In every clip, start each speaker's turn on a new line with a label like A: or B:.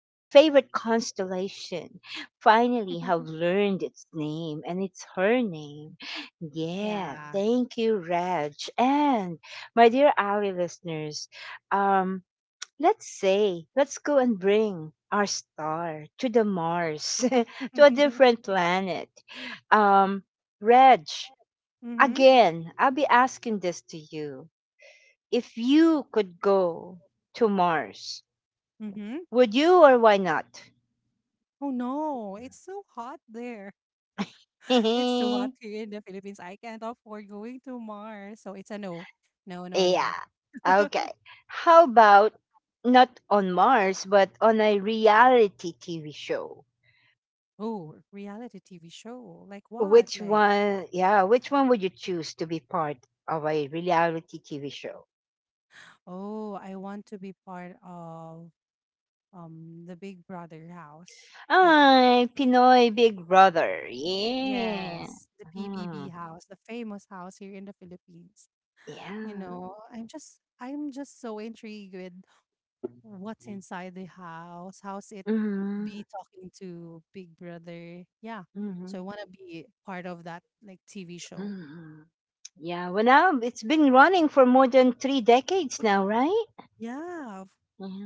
A: my favorite constellation, finally have learned its name and it's her name. Yeah,
B: Yeah.
A: thank you, Reg. And my dear Ali listeners, um, let's say, let's go and bring our star to the Mars, to a different planet. Um, Reg,
B: Mm-hmm.
A: again, I'll be asking this to you. If you could go to Mars,
B: Mm-hmm.
A: would you or why not?
B: Oh no, it's so hot there. It's too hot
A: Yeah.
B: here in the Philippines. I can't afford going to Mars. So it's a no. No, no, no.
A: Okay. How about not on Mars, but on a reality TV show?
B: Oh, reality TV show. Like what?
A: Which
B: Like,
A: one, yeah, which one would you choose to be part of a reality TV show?
B: oh, I want to be part of the Big Brother house. Like,
A: Ay, Pinoy Big Brother. Yeah.
B: yes, the PBB
A: Mhm.
B: house, the famous house here in the Philippines. You
A: Yeah.
B: know, I'm just so intrigued with what's inside the house, how's it
A: Hmm.
B: be talking to Big Brother. Yeah.
A: Hmm.
B: So I want to be part of that like TV show.
A: Mhm. Yeah, well, now it's been running for more than 3 decades now, right?
B: Yeah.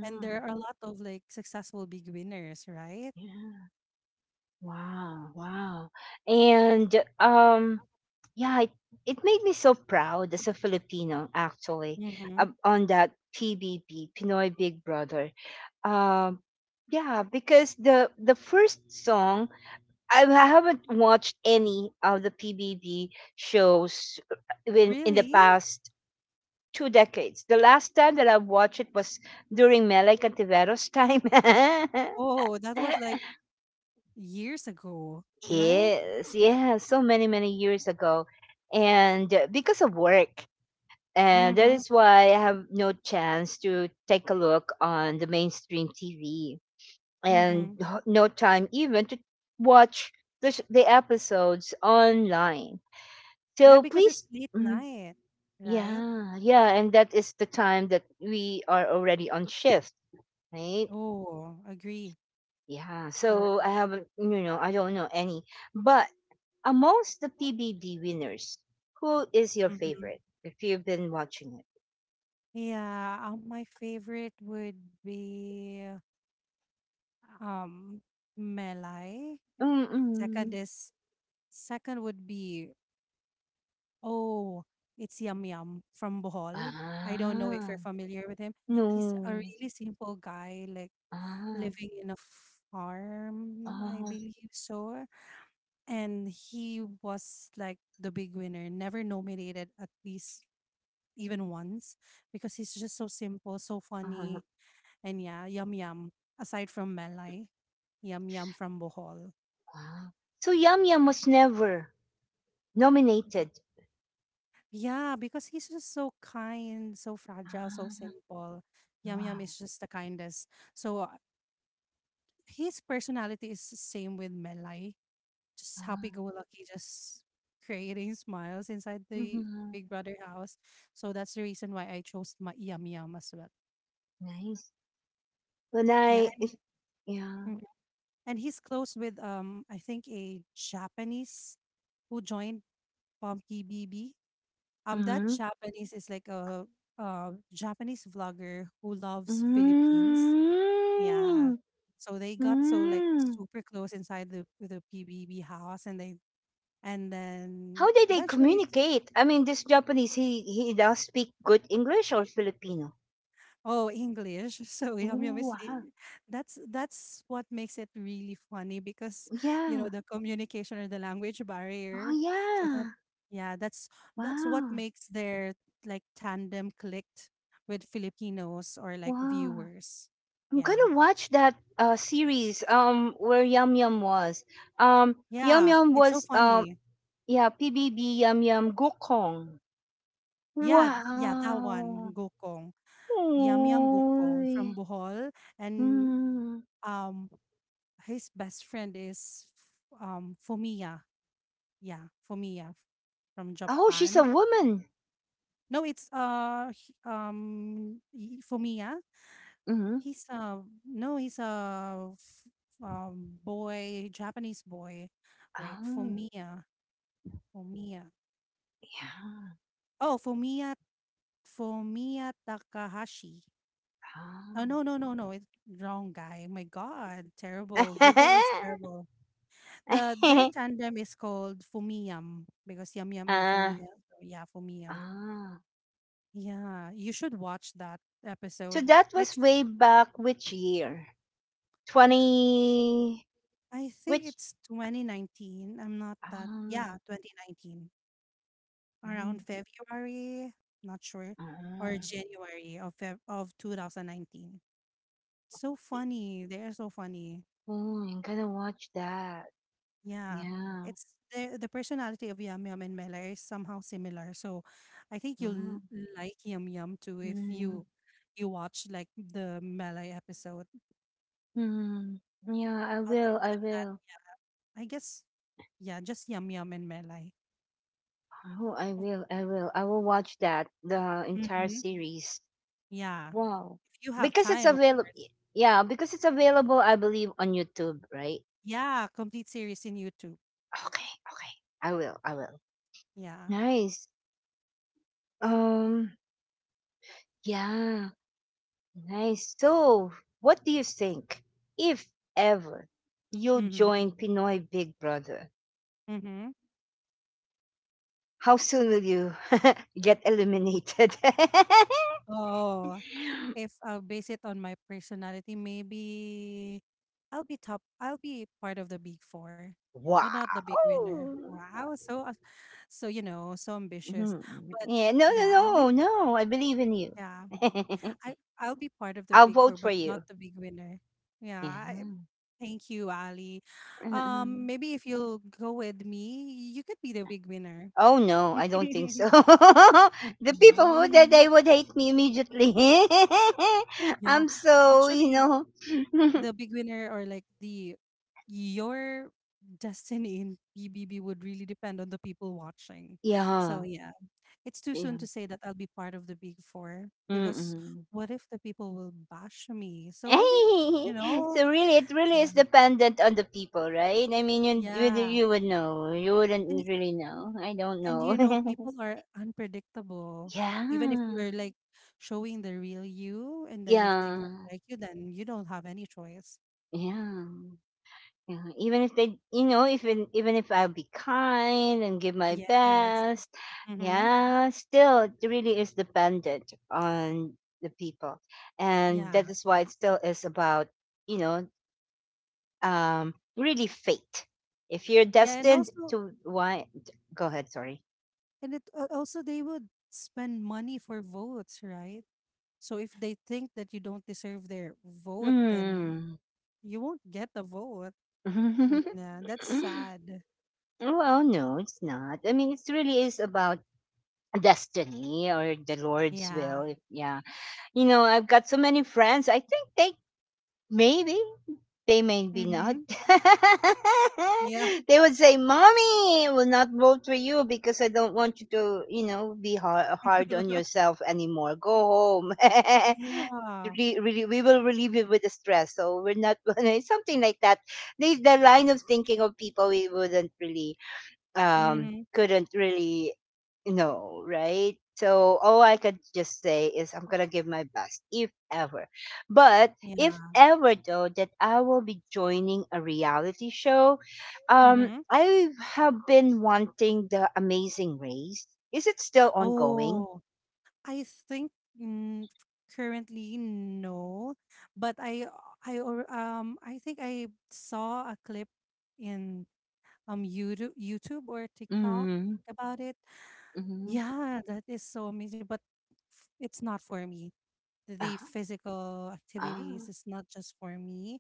B: And there are a lot of like successful big winners, right?
A: yeah. Wow, wow. And um, yeah, it made me so proud as a Filipino, actually,
B: Mhm.
A: on that PBB, Pinoy Big Brother. Um, yeah, because the first song I haven't watched any of the PBB shows when in the
B: Really?
A: past 2 decades. The last time that I watched it was during Melay Cantivero's time.
B: Oh, that was like years ago, right?
A: Yes, yeah, so many, many years ago. And because of work, and that
B: Mm-hmm.
A: is why I have no chance to take a look on the mainstream TV and
B: Mm-hmm.
A: no time even to watch the episodes online.
B: Yeah,
A: So
B: because it's
A: please,
B: late
A: mhm,
B: night, right?
A: yeah, yeah, and that is the time that we are already on shift right?
B: Oh, agree.
A: Yeah, so I
B: Correct.
A: haven't, you know, I don't know any. But amongst the PBB winners, who is your
B: Mm-hmm.
A: favorite if you've been watching it?
B: Yeah, my favorite would be um Melai. Second
A: Mm-mm.
B: is second would be oh, it's Yum Yum from Bohol. I don't know if
A: Ah,
B: you're familiar with him. He's a
A: no.
B: really simple guy, like
A: Ah,
B: living in a farm, I
A: ah,
B: believe so. And he was like the big winner, never nominated at least even once because he's just so simple, so
A: ah,
B: funny. And yeah, Yum Yum, aside from Melai, Yum Yum from Bohol.
A: ah. So Yum Yum was never nominated.
B: Yeah, because he's just so kind, so fragile, so
A: Ah,
B: simple. Yum Yum
A: wow.
B: is just the kindest. So his personality is the same with Melai. Just
A: Ah,
B: happy-go-lucky, just creating smiles inside the
A: mhm.
B: Big Brother house. So that's the reason why I chose my Yum Yum as well.
A: Nice. When
B: Yeah,
A: I,
B: and he,
A: if, yeah.
B: mhm, and he's close with I think a Japanese who joined Pumpy BB. That
A: Mm-hmm.
B: Japanese is like a Japanese vlogger who loves Philippines. Yeah,
A: Mm-hmm.
B: so they got so like
A: Mm-hmm.
B: super close inside the PBB house, and they and then
A: How did they
B: eventually
A: communicate? I mean, this Japanese, he does speak good English or Filipino.
B: Oh, English. So yum yum
A: Oh,
B: is
A: wow.
B: li- that's what makes it really funny because you know
A: Yeah.
B: the communication or the language
A: Oh,
B: barrier. So that
A: yeah.
B: yeah, that's what
A: Wow.
B: makes their like tandem clicked with Filipinos or like
A: Wow.
B: viewers.
A: I'm
B: Yeah.
A: gonna watch that series where Yum Yum was. Um, Yum
B: Yeah,
A: Yum
B: it's so
A: was
B: funny.
A: yeah PBB Yum Yum Gokong.
B: Yeah, yeah, that
A: Wow.
B: one, Gokong. Yum yum Gokong
A: Oy.
B: from Bohol and
A: Mm.
B: um his best friend is Fumia. Yeah, Fumiya f- from
A: Oh, she's a
B: Japan.
A: woman.
B: No, it's Fumiya.
A: Mm-hmm.
B: He's a no, he's a boy, Japanese boy. Wait,
A: Oh,
B: Fumiya, Fumiya.
A: yeah.
B: Oh, Fumiya, Fumiya Takahashi. Oh no, no, no, no, it's wrong guy. My God, terrible. Google is
A: Oh.
B: terrible. The their tandem is called Fumiyam because Yum Yum and
A: Ah,
B: Fumiya. So yeah, Fumiya.
A: ah.
B: Yeah, you should watch that
A: So
B: episode.
A: that was
B: It's
A: way back which year? 20
B: I think
A: which
B: it's 2019. I'm not that. Yeah,
A: ah,
B: 2019.
A: mm,
B: Around February, not sure, or
A: ah.
B: January of Feb of 2019. So funny. They're so funny.
A: Oh, I'm gonna watch that.
B: Yeah.
A: Yeah.
B: It's the personality of Yum Yum and Mela is somehow similar. So I think you'll
A: Mm,
B: like Yum Yum too if
A: mm,
B: you you watch like the Mela episode.
A: mm. Yeah, I
B: Other
A: will. I
B: than that,
A: will.
B: yeah, I guess yeah, just yum yum and melai.
A: Oh, I will. I will. I will watch that the entire
B: Mhm.
A: series.
B: Yeah,
A: Wow.
B: if you have
A: Because it's
B: time, of
A: available.
B: course.
A: Yeah, because it's available, I believe, on YouTube, right?
B: Yeah, complete series in YouTube.
A: Okay. Okay. I will. I will.
B: Yeah.
A: Nice. Um, yeah, nice. So, what do you think? If ever you
B: Mhm.
A: join Pinoy Big Brother,
B: Mhm.
A: how soon will you get eliminated?
B: Oh, if I'll base it on my personality, maybe I'll be top. I'll be part of the big four,
A: Wow.
B: but not the big winner. Wow, so so you know, so ambitious.
A: Mhm.
B: But
A: Yeah, no, no,
B: yeah, I'll be
A: no, no. I believe in you.
B: yeah, I'll be part of the
A: I'll
B: big four,
A: vote for
B: but not
A: you.
B: the big winner.
A: Yeah.
B: Yeah, thank you, Ali. Maybe if you'll go with me, you could be the big winner.
A: Oh no, I don't think so. The
B: Yeah,
A: people
B: you
A: would they
B: know,
A: they would hate me immediately.
B: yeah.
A: I'm so you
B: Actually,
A: know,
B: the big winner or like the your destiny in BBB would really depend on the people watching. So
A: yeah,
B: yeah, it's too soon
A: yeah.
B: to say that I'll be part of the big four because
A: Mm-mm.
B: what if the people will bash me? So I will,
A: Hey,
B: you know,
A: so really, it really is
B: yeah,
A: dependent on the people, right? I mean,
B: yeah.
A: you would know, you
B: And
A: wouldn't really know. I don't
B: And
A: know.
B: you know, people are unpredictable. Even if you're
A: Yeah,
B: like showing the real you, and then if they don't
A: yeah,
B: like you, then you don't have any choice.
A: yeah. Yeah, even if they, you know, even if I'll be kind and give my
B: Yes.
A: best,
B: Mm-hmm.
A: yeah, still it really is dependent on the people, and that
B: Yeah.
A: is why it still is about, you know, really fate. If you're
B: Yeah. And
A: destined
B: also,
A: to, why? Go ahead. Sorry.
B: and it also they would spend money for votes, right? So if they think that you don't deserve their vote, then
A: Mm.
B: you won't get the vote. Nah, that's
A: Well,
B: sad.
A: no, it's not. I mean, it really is about destiny or the Lord's will.
B: Yeah.
A: If, yeah, you know, I've got so many friends. I think maybe they maybe
B: Mm-hmm.
A: not.
B: Yeah.
A: They would say, "Mommy, I will not vote for you because I don't want you to, you know, be hard, hard on yourself anymore. Go home."
B: Yeah.
A: Really, we will relieve you with the stress. So we're not gonna something like that. The line of thinking of people we wouldn't really
B: Mm-hmm.
A: couldn't really know, right? So all I could just say is I'm gonna give my best, if ever. But if
B: Yeah.
A: ever though that I will be joining a reality show,
B: Mm-hmm.
A: I have been wanting the Amazing Race. Is it still ongoing?
B: Oh, I think mm, currently no, but I or I think I saw a clip in YouTube or TikTok
A: Mm-hmm.
B: about it.
A: Mm-hmm.
B: Yeah, that is so amazing, but f- it's not for me.
A: Uh,
B: The physical activities
A: ah,
B: is not just for me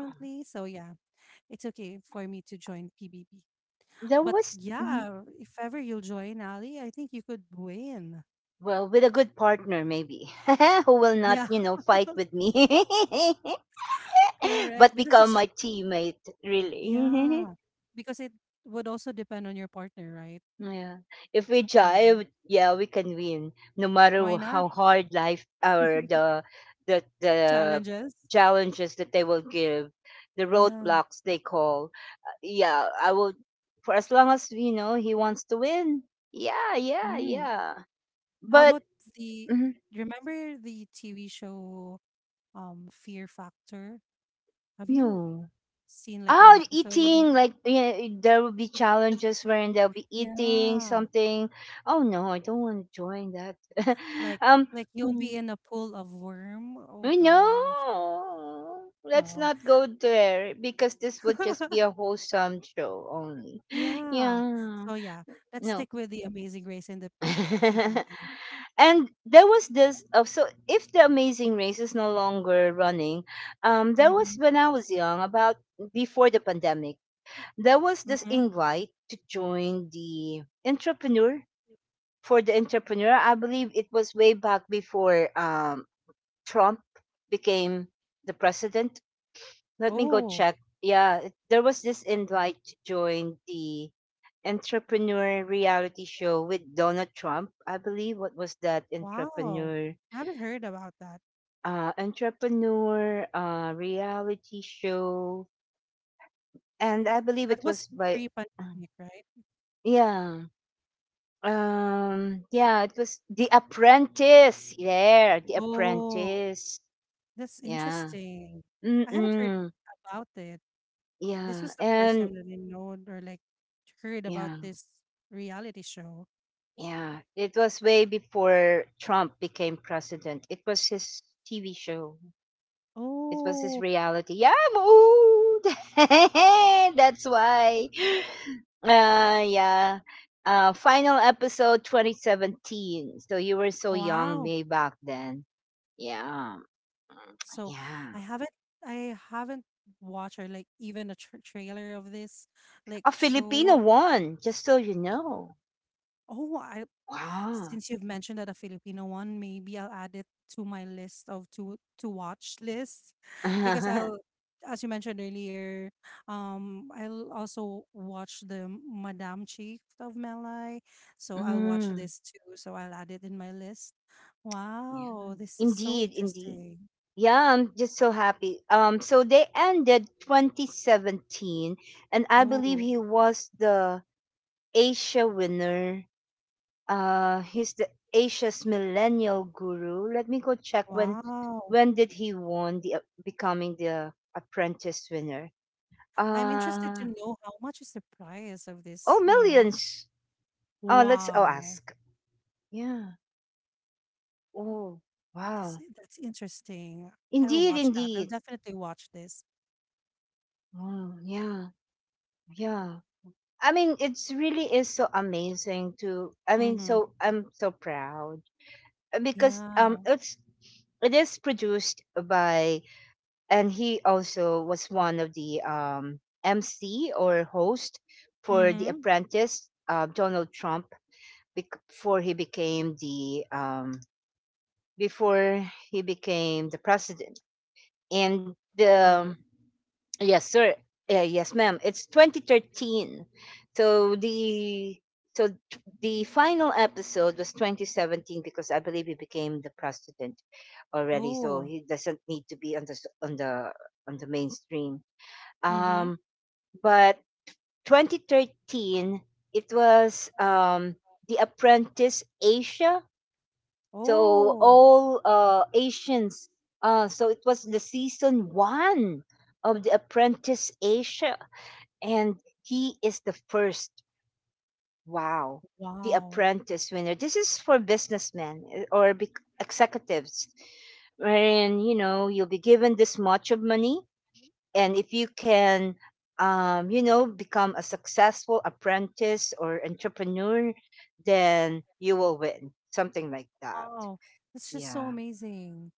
A: ah.
B: So yeah, it's okay for me to join PBB.
A: There
B: But
A: was mhm.
B: yeah, if ever you'll join Ali, I think you could win.
A: Well with a good partner maybe who will not
B: Yeah,
A: you know fight with me
B: correct.
A: but
B: Because
A: become
B: it's
A: my teammate, really.
B: yeah, because it would also depend on your partner, right?
A: Yeah. If we
B: Yeah.
A: jive, yeah, we can win. No matter
B: Why not?
A: how hard life or the
B: Challenges.
A: challenges that they will give, the
B: Yeah.
A: roadblocks they call. Yeah, I will for as long as you know he wants to win. Yeah, yeah,
B: Mm.
A: yeah.
B: How
A: But
B: about the,
A: mm,
B: you remember the TV show Fear Factor? Have you
A: no.
B: seen like an
A: Oh,
B: episode of
A: eating
B: that?
A: like you know, eh, there will be challenges wherein they'll be eating
B: Yeah.
A: something. Oh no, I don't want to join that.
B: Like
A: um,
B: like you'll
A: mm,
B: be in a pool of worm. Oh gosh.
A: no, let's
B: No.
A: not go there because this would just be a wholesome show only.
B: Yeah.
A: Yeah,
B: So yeah, let's
A: no.
B: stick with the Amazing Race in the PBB.
A: And there was this. Oh, so if the Amazing Race is no longer running, there was
B: Mm-hmm.
A: when I was young, about before the pandemic there was this
B: Mm-hmm.
A: invite to join the entrepreneur for the entrepreneur. I believe it was way back before Trump became the president. Let me go
B: Oh.
A: check. Yeah, there was this invite to join the entrepreneur reality show with Donald Trump. I believe what was that
B: Wow. I haven't heard about that.
A: entrepreneur reality show, and I believe
B: That
A: it
B: was
A: was by
B: pre-pandemic, right?
A: yeah. Yeah, it was The Apprentice. Yeah, The
B: Oh,
A: Apprentice.
B: that's
A: Yeah.
B: interesting. I haven't heard
A: Mm-mm.
B: about it. This
A: Yeah.
B: was the first
A: And
B: time that I know or like heard about
A: yeah,
B: this reality show.
A: yeah. It was way before Trump became president. It was his TV show. It was his
B: Oh,
A: reality. Yeah, I'm old. That's why. Yeah. Final episode 2017. So you were so young,
B: wow.
A: me back then. Yeah,
B: So
A: yeah.
B: I haven't I haven't watched or like even a tr trailer of this like
A: A Filipino
B: show.
A: one, just so you know.
B: Oh, I
A: Wow.
B: since you've mentioned that a Filipino one, maybe I'll add it to my list of to watch list because
A: Mm,
B: I'll as you mentioned earlier, I'll also watch the Madame Chief of Malay. So I'll watch this too. So I'll add it in my list.
A: yeah.
B: Wow, this is so
A: Indeed, indeed.
B: interesting.
A: Yeah, I'm just so happy. So they ended 2017, and I believe
B: No,
A: he was the Asia winner. He's the Asia's millennial guru. Let me go check when
B: wow.
A: when did he won the becoming the apprentice winner.
B: I'm interested to
A: Uh,
B: know how much is the price of
A: oh,
B: this, you know.
A: millions. Oh, let's oh
B: Wow.
A: ask. Yeah. Oh,
B: This
A: wow.
B: I that's interesting. I'll
A: Indeed,
B: watch that. I'll
A: indeed.
B: definitely watch this.
A: Oh, yeah, yeah. I mean, it's really is so amazing to, I mean,
B: Mhm.
A: so I'm so proud. Because
B: Yeah.
A: it's it is produced by, and he also was one of the MC or host for The
B: Mhm.
A: Apprentice, Donald Trump, before he became the before he became the president and
B: Oh.
A: um, yes sir yeah, yes ma'am it's 2013 so the final episode was 2017 because I believe he became the president already so
B: Oh.
A: he doesn't need to be on the s- on the mainstream
B: Mhm.
A: um but 2013 it was the apprentice asia so
B: Oh,
A: all Asians. So it was the season 1 of The Apprentice Asia, and he is the first. Wow, The
B: wow.
A: Apprentice winner. This is for businessmen or executives, wherein you know you'll be given this much of money, and if you can. You know, become a successful apprentice or entrepreneur, then you will win. Something like that.
B: Wow. That's just so
A: Yeah.
B: amazing.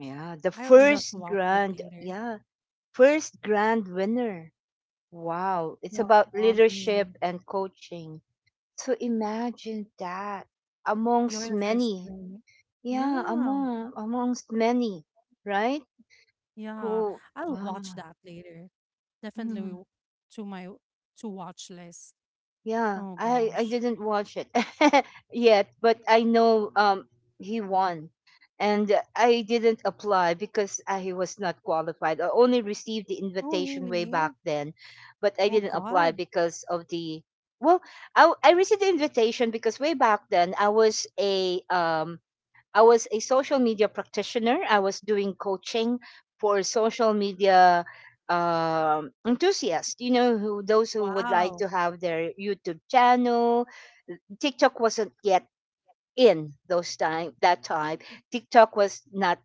A: Yeah, the
B: I'll just
A: first
B: watch it
A: grand,
B: later.
A: yeah, first grand winner. Wow, it's
B: Wow,
A: about
B: amazing.
A: leadership and coaching. So imagine that
B: You're
A: amongst
B: the first
A: many.
B: one.
A: Yeah,
B: Yeah.
A: amongst many, right?
B: Yeah.
A: Who
B: I'll
A: wow.
B: watch that later. Definitely
A: Hmm.
B: w- to my to watch list.
A: Yeah,
B: Oh
A: I
B: gosh.
A: didn't watch it yet, but I know he won, and I didn't apply because I was not qualified. I only received the
B: Oh,
A: invitation way back
B: really?
A: then, but I
B: Oh
A: didn't apply
B: God.
A: because of the well, I received the invitation because way back then I was a social media practitioner. I was doing coaching for social media enthusiasts. You know, who those who would like
B: Wow.
A: to have their YouTube channel. TikTok wasn't yet in those time that time. TikTok was not.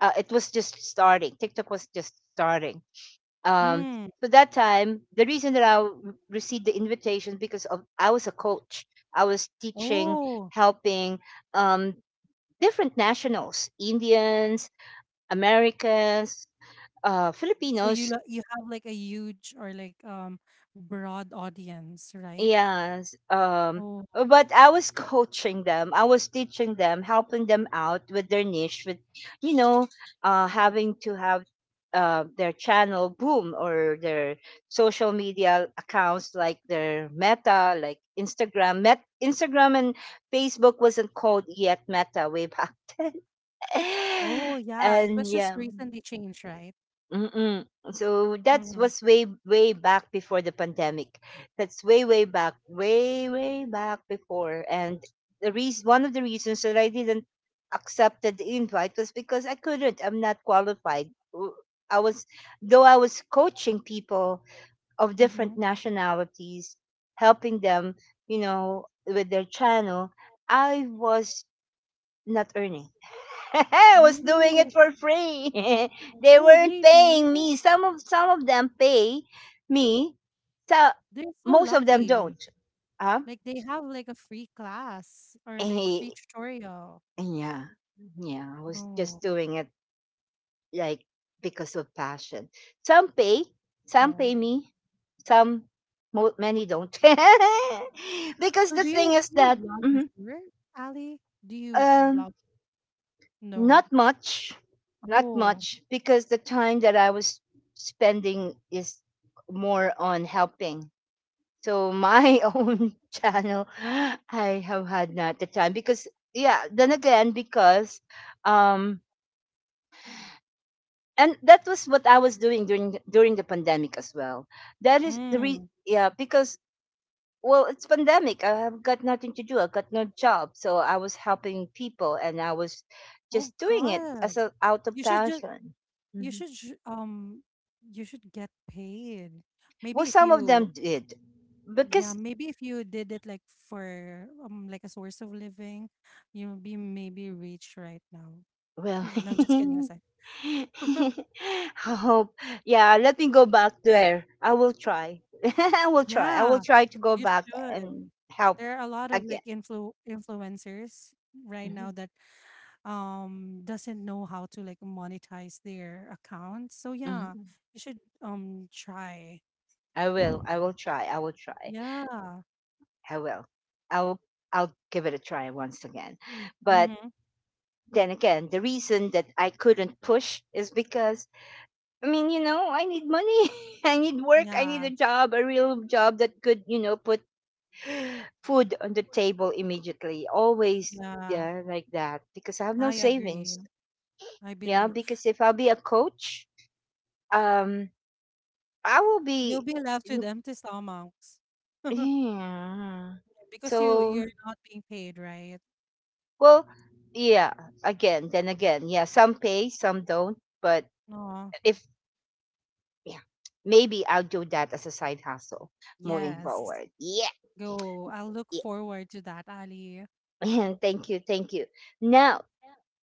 A: It was just starting. TikTok was just starting. Um,
B: Mm.
A: so that time, the reason that received the invitation because of I was a coach. I was teaching,
B: Oh,
A: helping um, different nationals Indians, Americans,
B: so you
A: Filipinos.
B: lo you have like a huge or like broad audience, right?
A: Yes.
B: Oh,
A: But I was coaching them, I was teaching them, helping them out with their niche, with, you know, having to have their channel boom or their social media accounts like their meta like instagram and facebook wasn't called yet meta way back
B: oh
A: then
B: yeah, it was
A: and
B: just
A: yeah.
B: recently changed, right?
A: Mm-mm. So that
B: Mm-hmm.
A: was way way back before the pandemic. That's way way back before. And the reason, one of the reasons that I didn't accepted the invite was because I couldn't. I'm not qualified. I was, though I was coaching people of
B: Mm-hmm.
A: different nationalities, helping them, you know, with their channel. I was not earning. I was doing
B: Oh,
A: it for free. They
B: oh
A: weren't
B: really?
A: paying me. Some of them pay me. So
B: They're so
A: most of them
B: lucky.
A: don't. Huh?
B: Like they have like a free class or like
A: Eh,
B: free tutorial.
A: yeah, yeah. I was just
B: Oh,
A: doing it like because of passion. Some pay, some
B: oh.
A: pay me, some many don't. Because
B: So
A: the thing is
B: do you
A: that
B: blog before, Ali? Do you
A: um
B: blog? No.
A: Not much, not
B: Oh,
A: much, because the time that I was spending is more on helping. So my own channel, I have had not the time because yeah. Then again, because um, and that was what I was doing during during the pandemic as well. That is the re
B: mm.
A: Yeah, because well, it's pandemic. I have got nothing to do. I got no job, so I was helping people, and I was
B: Oh
A: just doing it as
B: God.
A: a out of
B: You should just
A: passion.
B: you
A: Mhm.
B: should you should get paid.
A: Well,
B: Maybe if
A: some of them
B: you
A: did
B: yeah,
A: because
B: maybe if you did it like for like a source of living, you'll be maybe rich right now.
A: well,
B: No, no just kidding aside.
A: I hope. Yeah, let me go back there. I will try. I will try. I will
B: Yeah,
A: try to go
B: you
A: back
B: should.
A: and help
B: There are a lot of
A: again.
B: like influencers right now
A: Mhm.
B: that doesn't know how to like monetize their account. So yeah,
A: Mhm.
B: you should try.
A: I will. I will try. I will try.
B: Yeah.
A: I will. I will. I'll give it a try once again but
B: Mm-hmm.
A: then again, the reason that I couldn't push is because I mean, you know, I need money. I need work. I need
B: Yeah.
A: a job, a real job that could, you know, put food on the table immediately. Always
B: Yeah.
A: yeah, like that because I have no
B: I agree.
A: savings.
B: I
A: Yeah,
B: believe
A: because if I'll be a coach, um I will
B: you'll
A: be
B: be left with empty stomachs
A: yeah.
B: Yeah, because you
A: So,
B: you're not being paid, right?
A: well, yeah, again, then again, yeah, some pay, some don't, but
B: No.
A: if yeah, maybe I'll do that as a side hustle moving
B: Yes.
A: forward. Yeah,
B: Go. I'll look
A: yeah.
B: forward to that, Ali.
A: And thank you, thank you. Now,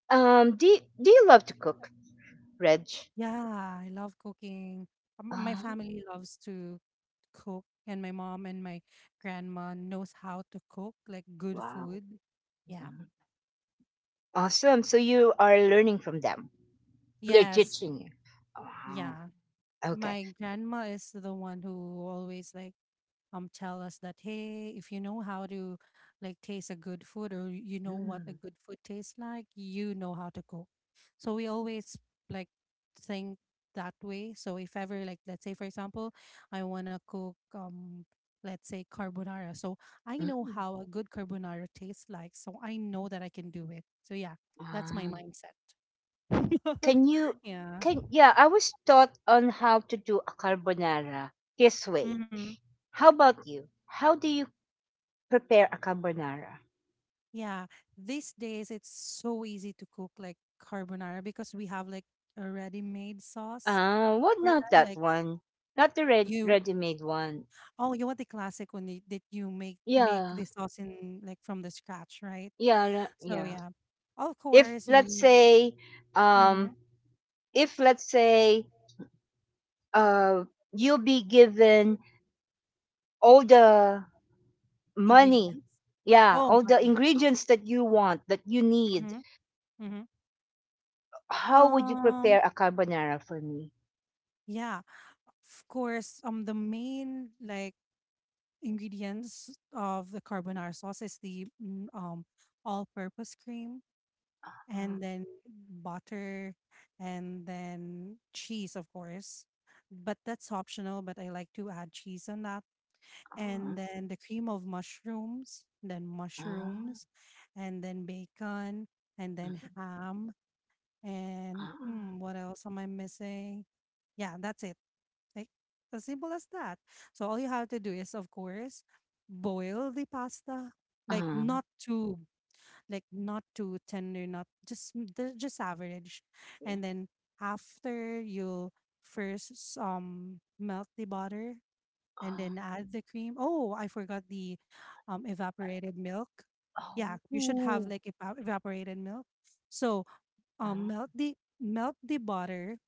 A: do you love to cook, Reg?
B: Yeah, I love cooking. My
A: Oh,
B: family loves to cook, and my mom and my grandma knows how to cook like good
A: wow,
B: food. Yeah.
A: awesome! So you are learning from them. They're
B: Yes.
A: teaching you. Wow.
B: Yeah.
A: Okay.
B: My grandma is the one who always like tell us that hey if you know how to like taste a good food or you know what a
A: Mm,
B: good food tastes like you know how to cook so we always like think that way so if ever like let's say for example I want to cook let's say carbonara so I know
A: mm,
B: how a good carbonara tastes like so I know that I can do it so yeah that's my
A: wow.
B: mindset
A: Can you?
B: yeah.
A: Can yeah? I was taught on how to do a carbonara this way.
B: Mhm.
A: How about you? How do you prepare a carbonara?
B: Yeah, these days it's so easy to cook like carbonara because we have like a ready-made sauce
A: Ah, what
B: for
A: not
B: them.
A: that
B: Like
A: one? Not the red
B: you,
A: ready-made one.
B: oh, you want the classic one that you make make the
A: Yeah,
B: sauce in like from the scratch, right? So
A: yeah.
B: yeah, of
A: If
B: course you
A: let's
B: need
A: say, um,
B: mhm,
A: if let's say, uh, you'll be given all the money,
B: ingredients.
A: yeah,
B: Oh,
A: all the
B: money.
A: ingredients that you want that you need,
B: Mm-hmm, mm-hmm.
A: how would you prepare
B: Um,
A: a carbonara for me?
B: yeah, of course. The main like ingredients of the carbonara sauce is the all-purpose cream
A: Ah,
B: and then butter and then cheese of course but that's optional but I like to add cheese on that
A: ah,
B: and then the cream of mushrooms then
A: ah,
B: mushrooms and then bacon and then
A: ah,
B: ham and
A: ah,
B: hmm, what else am I missing yeah that's it like as simple as that so all you have to do is of course boil the pasta like
A: ah,
B: not too like not too tender, not just just average.
A: yeah,
B: And then after you first melt the butter and then
A: ah,
B: add the cream. Oh, I forgot the evaporated milk. Yeah, you should have
A: oh,
B: like evaporated milk. So
A: ah,
B: melt the butter,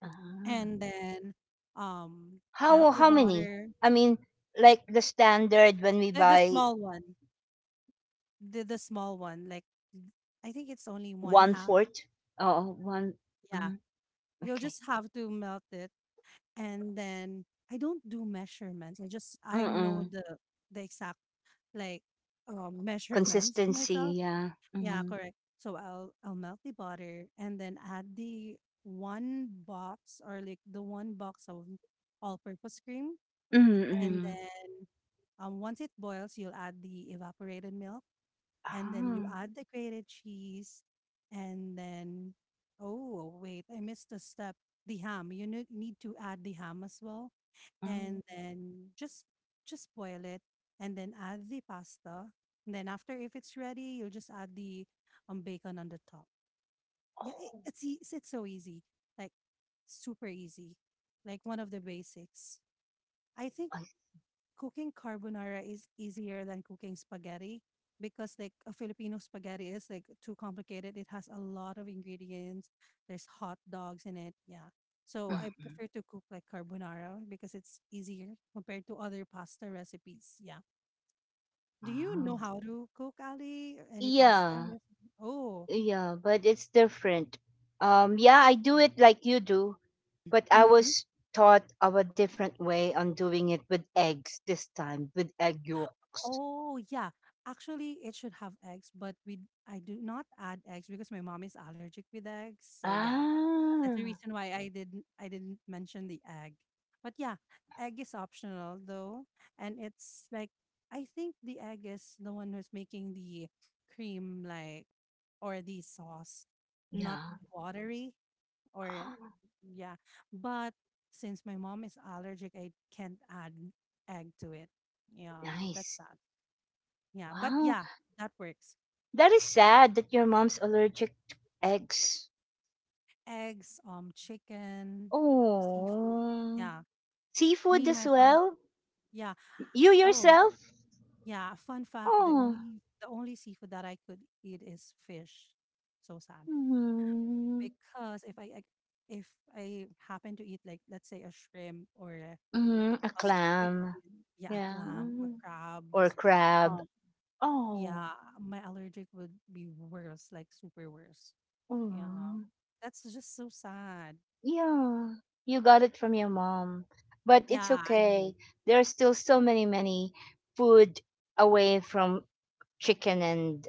A: ah.
B: and then um melt the
A: How many?
B: butter.
A: I mean, like the standard when we
B: The
A: buy
B: small one. The small one, like, I think it's only one
A: one
B: half.
A: fourth. Oh, one.
B: Yeah.
A: Mm,
B: You'll
A: okay.
B: just have to melt it, and then I don't do measurements. I just I know
A: Mm-mm.
B: the exact, like, measurements myself.
A: Consistency. Yeah.
B: Yeah,
A: Mm.
B: correct. So I'll melt the butter and then add the one box, or like the one box of all-purpose cream, and
A: Mm.
B: then, once it boils, you'll add the evaporated milk, and then you
A: Ah.
B: add the grated cheese, and then, oh, wait, I missed a step. The ham, you need to add the ham as well,
A: Mm.
B: and then just boil it, and then add the pasta, and then after, if it's ready, you'll just add the bacon on the top. Yeah, it, it's, ea- it's so easy, like, super easy, like one of the basics, I think.
A: I-
B: Cooking carbonara is easier than cooking spaghetti, because, like, a Filipino spaghetti is like too complicated. It has a lot of ingredients. There's hot dogs in it. Yeah. So I
A: mm,
B: prefer to cook like carbonara because it's easier compared to other pasta recipes. Yeah. Do you know
A: mm.
B: how to cook, Ali? Any pasta
A: Yeah.
B: recipe? Oh.
A: Yeah. But it's different. Yeah, I do it like you do, but I
B: Mm-hmm.
A: was taught of a different way on doing it with eggs this time with egg yolks.
B: Oh, yeah. Actually, it should have eggs, but we I do not add eggs because my mom is allergic with eggs. So yeah, that's the
A: Ah.
B: reason why I didn't mention the egg. But yeah, egg is optional though, and it's like, I think the egg is the one who's making the cream, like, or the sauce, not
A: Yeah.
B: watery, or yeah. But since my mom is allergic, I can't add egg to it. Yeah, that's
A: Nice.
B: that. Yeah, but
A: Wow.
B: yeah, that works.
A: That is sad that your mom's allergic to eggs.
B: Eggs, chicken, seafood.
A: Oh.
B: Yeah,
A: Seafood
B: me
A: as
B: myself.
A: well?
B: Yeah.
A: You
B: Oh,
A: yourself?
B: yeah. Fun fact: the
A: Oh.
B: only the only seafood that I could eat is fish. So sad,
A: Mm-hmm.
B: because if I happen to eat, like, let's say a shrimp, or a,
A: Mm-hmm. A
B: a squid,
A: clam.
B: yeah, a
A: Yeah.
B: clam, a
A: Or
B: crabs,
A: crab.
B: um,
A: Oh.
B: yeah, my allergic would be worse, like super worse. Yeah,
A: Mm.
B: that's just so sad.
A: Yeah. You got it from your mom. But it's
B: Yeah, I believe.
A: okay. There are still so many, many food away from chicken and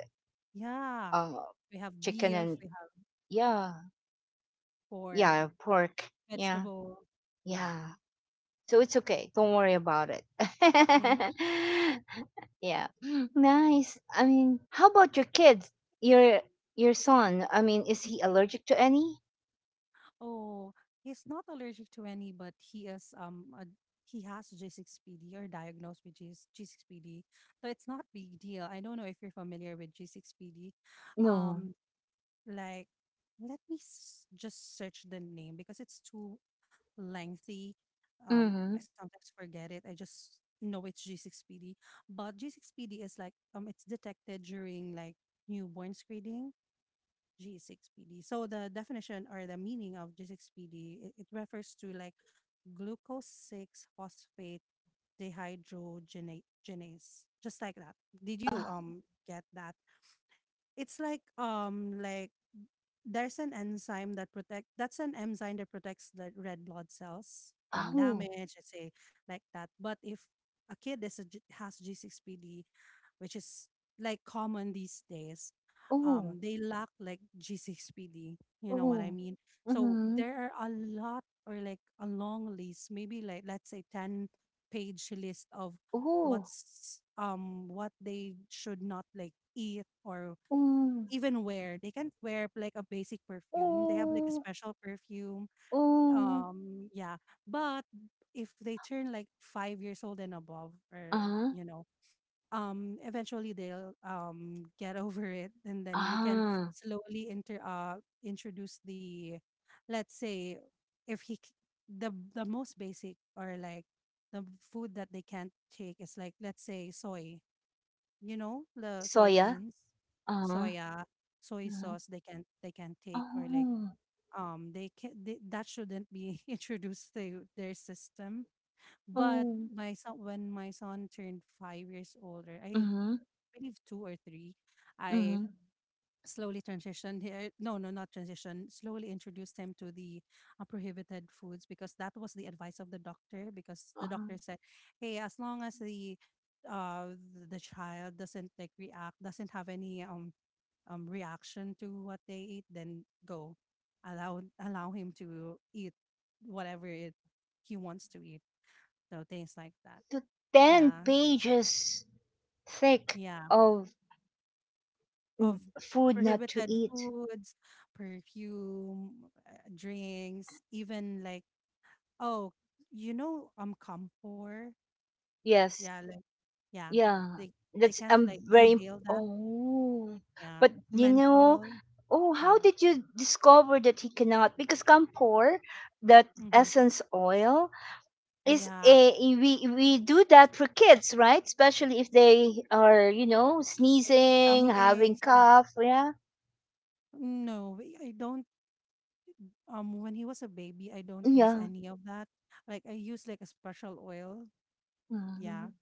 B: Yeah,
A: uh,
B: we have
A: chicken
B: beef,
A: and
B: we have
A: yeah.
B: pork,
A: Yeah, pork. Yeah.
B: vegetable. Yeah.
A: Yeah. So it's okay. Don't worry about it.
B: Mhm.
A: Yeah. Nice. I mean, how about your kids? Your your son. I mean, is he allergic to any?
B: Oh, he's not allergic to any, but he has G6PD, or diagnosed with G G6PD. So it's not big deal. I don't know if you're familiar with G6PD.
A: No.
B: Um, like, let me s just search the name because it's too lengthy.
A: Mm-hmm.
B: I sometimes forget it. I just know it's G6PD. But G6PD is like, it's detected during, like, newborn screening. G6PD. So the definition, or the meaning of G6PD, it refers to, like, glucose six phosphate dehydrogenase, just like that. Did you
A: Oh.
B: get that? It's like, like, there's an enzyme that protect that's an enzyme that protects the red blood cells from
A: Oh.
B: damage, let's say, like that. But if a kid is has g6pd, which is, like, common these days,
A: Oh.
B: they lack, like, g6pd, you know what I
A: Oh.
B: mean. So
A: Mm-hmm.
B: there are a lot, or like a long list, maybe, like, let's say 10-page list of
A: Oh.
B: what they should not, like, eat or
A: Mm.
B: even wear. They can't wear like a basic perfume. They have like a
A: Oh.
B: special perfume.
A: Oh.
B: Yeah. But if they turn like 5 years old and above, or,
A: Uh-huh.
B: you know, eventually they'll get over it, and then you can
A: Ah.
B: slowly inter introduce the, let's say, if he c- the most basic, or like the food that they can't take is, like, let's say soy, you know, the
A: Soya.
B: soybeans,
A: Uh-huh.
B: soya soy
A: Uh-huh.
B: sauce, they can't take, or like,
A: Oh.
B: that shouldn't be introduced to their system. But
A: Oh.
B: my son when my son turned 5 years older, I
A: Mm-hmm.
B: believe two or three, I
A: Mhm.
B: slowly transitioned here, no, no, not transition, slowly introduced him to the prohibited foods, because that was the advice of the doctor, because the
A: Uh,
B: doctor said, hey, as long as the child doesn't, like, react, doesn't have any reaction to what they eat, then go, allow him to eat whatever it he wants to eat. So things like that.
A: to 10
B: Yeah,
A: pages thick
B: yeah,
A: of
B: of
A: food not to
B: prohibited
A: eat.
B: foods, perfume, drinks, even like, oh, you know, camphor.
A: Yes.
B: Yeah, like, yeah,
A: Yeah.
B: they they can't, like, inhale that.
A: Oh.
B: Yeah,
A: But you know,
B: menthol.
A: oh, how
B: Yeah,
A: did you discover that he cannot because camphor, that
B: mm-hmm.
A: essence oil is
B: Yeah,
A: a we do that for kids, right? Especially if they are, you know,
B: like
A: sneezing,
B: tummy
A: having
B: aches. Yeah,
A: cough, yeah.
B: no, I don't. When he was a baby, I don't use
A: Yeah.
B: any of that. Like, I use like a special oil. Yeah,
A: Mhm.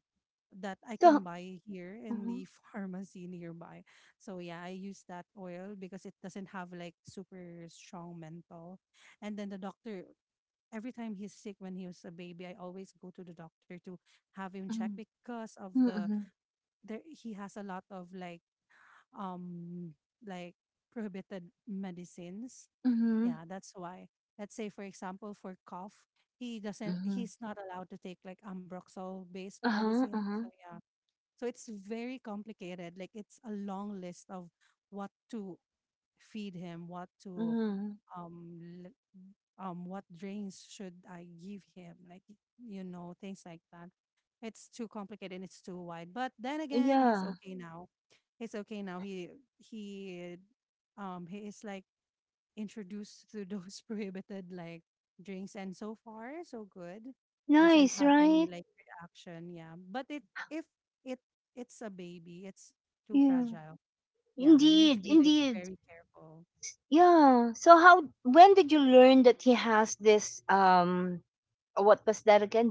B: that I
A: So
B: can buy here in
A: mm-hmm.
B: the pharmacy nearby. So yeah, I use that oil because it doesn't have like super strong menthol. And then, every time he's sick when he was a baby, I always go to the doctor to have him check
A: Mm.
B: because of
A: Mm, mhm,
B: there he has a lot of, like, um like, prohibited medicines.
A: mhm,
B: Yeah, that's why. Let's say, for example, for cough,
A: mhm.
B: he's not allowed to take like ambroxol based
A: Uh-huh,
B: medicine. So
A: uh-huh,
B: yeah, so it's very complicated. Like, it's a long list of what to feed him, what to
A: mhm.
B: um l- what drains should I give him, like, you know, things like that. It's too complicated and it's too wide. But then again, he's
A: Yeah.
B: okay now. He's okay now. He he is, like, introduced to those prohibited, like, drinks, and so far, so good, doesn't
A: Nice,
B: have any,
A: right?
B: like, reaction. Yeah, but it if it it's a baby, it's too
A: Yeah.
B: fragile. Yeah, you need to
A: Indeed,
B: be, like,
A: indeed.
B: very careful.
A: Yeah. So how when did you learn that he has this what was that again?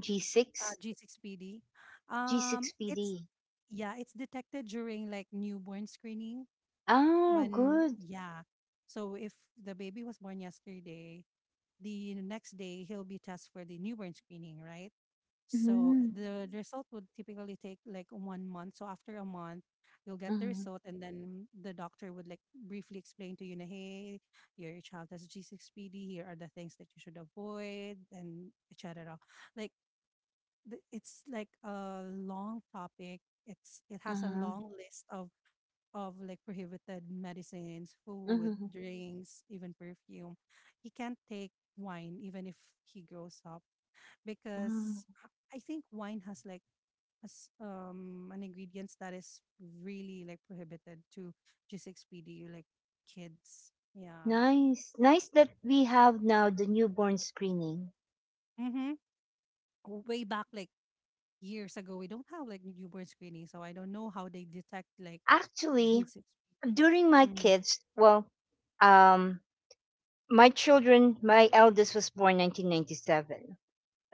A: G6?
B: g6pd, um
A: G6
B: it's
A: PD.
B: yeah it's detected during, like, newborn screening.
A: Oh,
B: When
A: good.
B: Yeah, so if the baby was born yesterday, the next day he'll be tested for the newborn screening, right? So
A: Mhm.
B: the result would typically take, like, one month. So after a month, you'll get the
A: Mhm.
B: result, and then the doctor would, like, briefly explain to you, na, hey, your child has G6PD. Here are the things that you should avoid, and etc. Like, it's like a long topic. It has a
A: Mhm.
B: long list of like prohibited medicines, food,
A: Mhm.
B: drinks, even perfume. He can't take wine even if he grows up,
A: Mhm.
B: because I think wine has, like, as an ingredients that is really, like, prohibited to G6PD, like, kids. Yeah.
A: Nice. Nice that we have now the newborn screening.
B: Mm-hmm. Way back, like, years ago, we don't have like newborn screening, so I don't know how they detect like
A: Actually,
B: G6PD.
A: during my
B: Mm.
A: kids, well, um my children, my eldest was born 1997,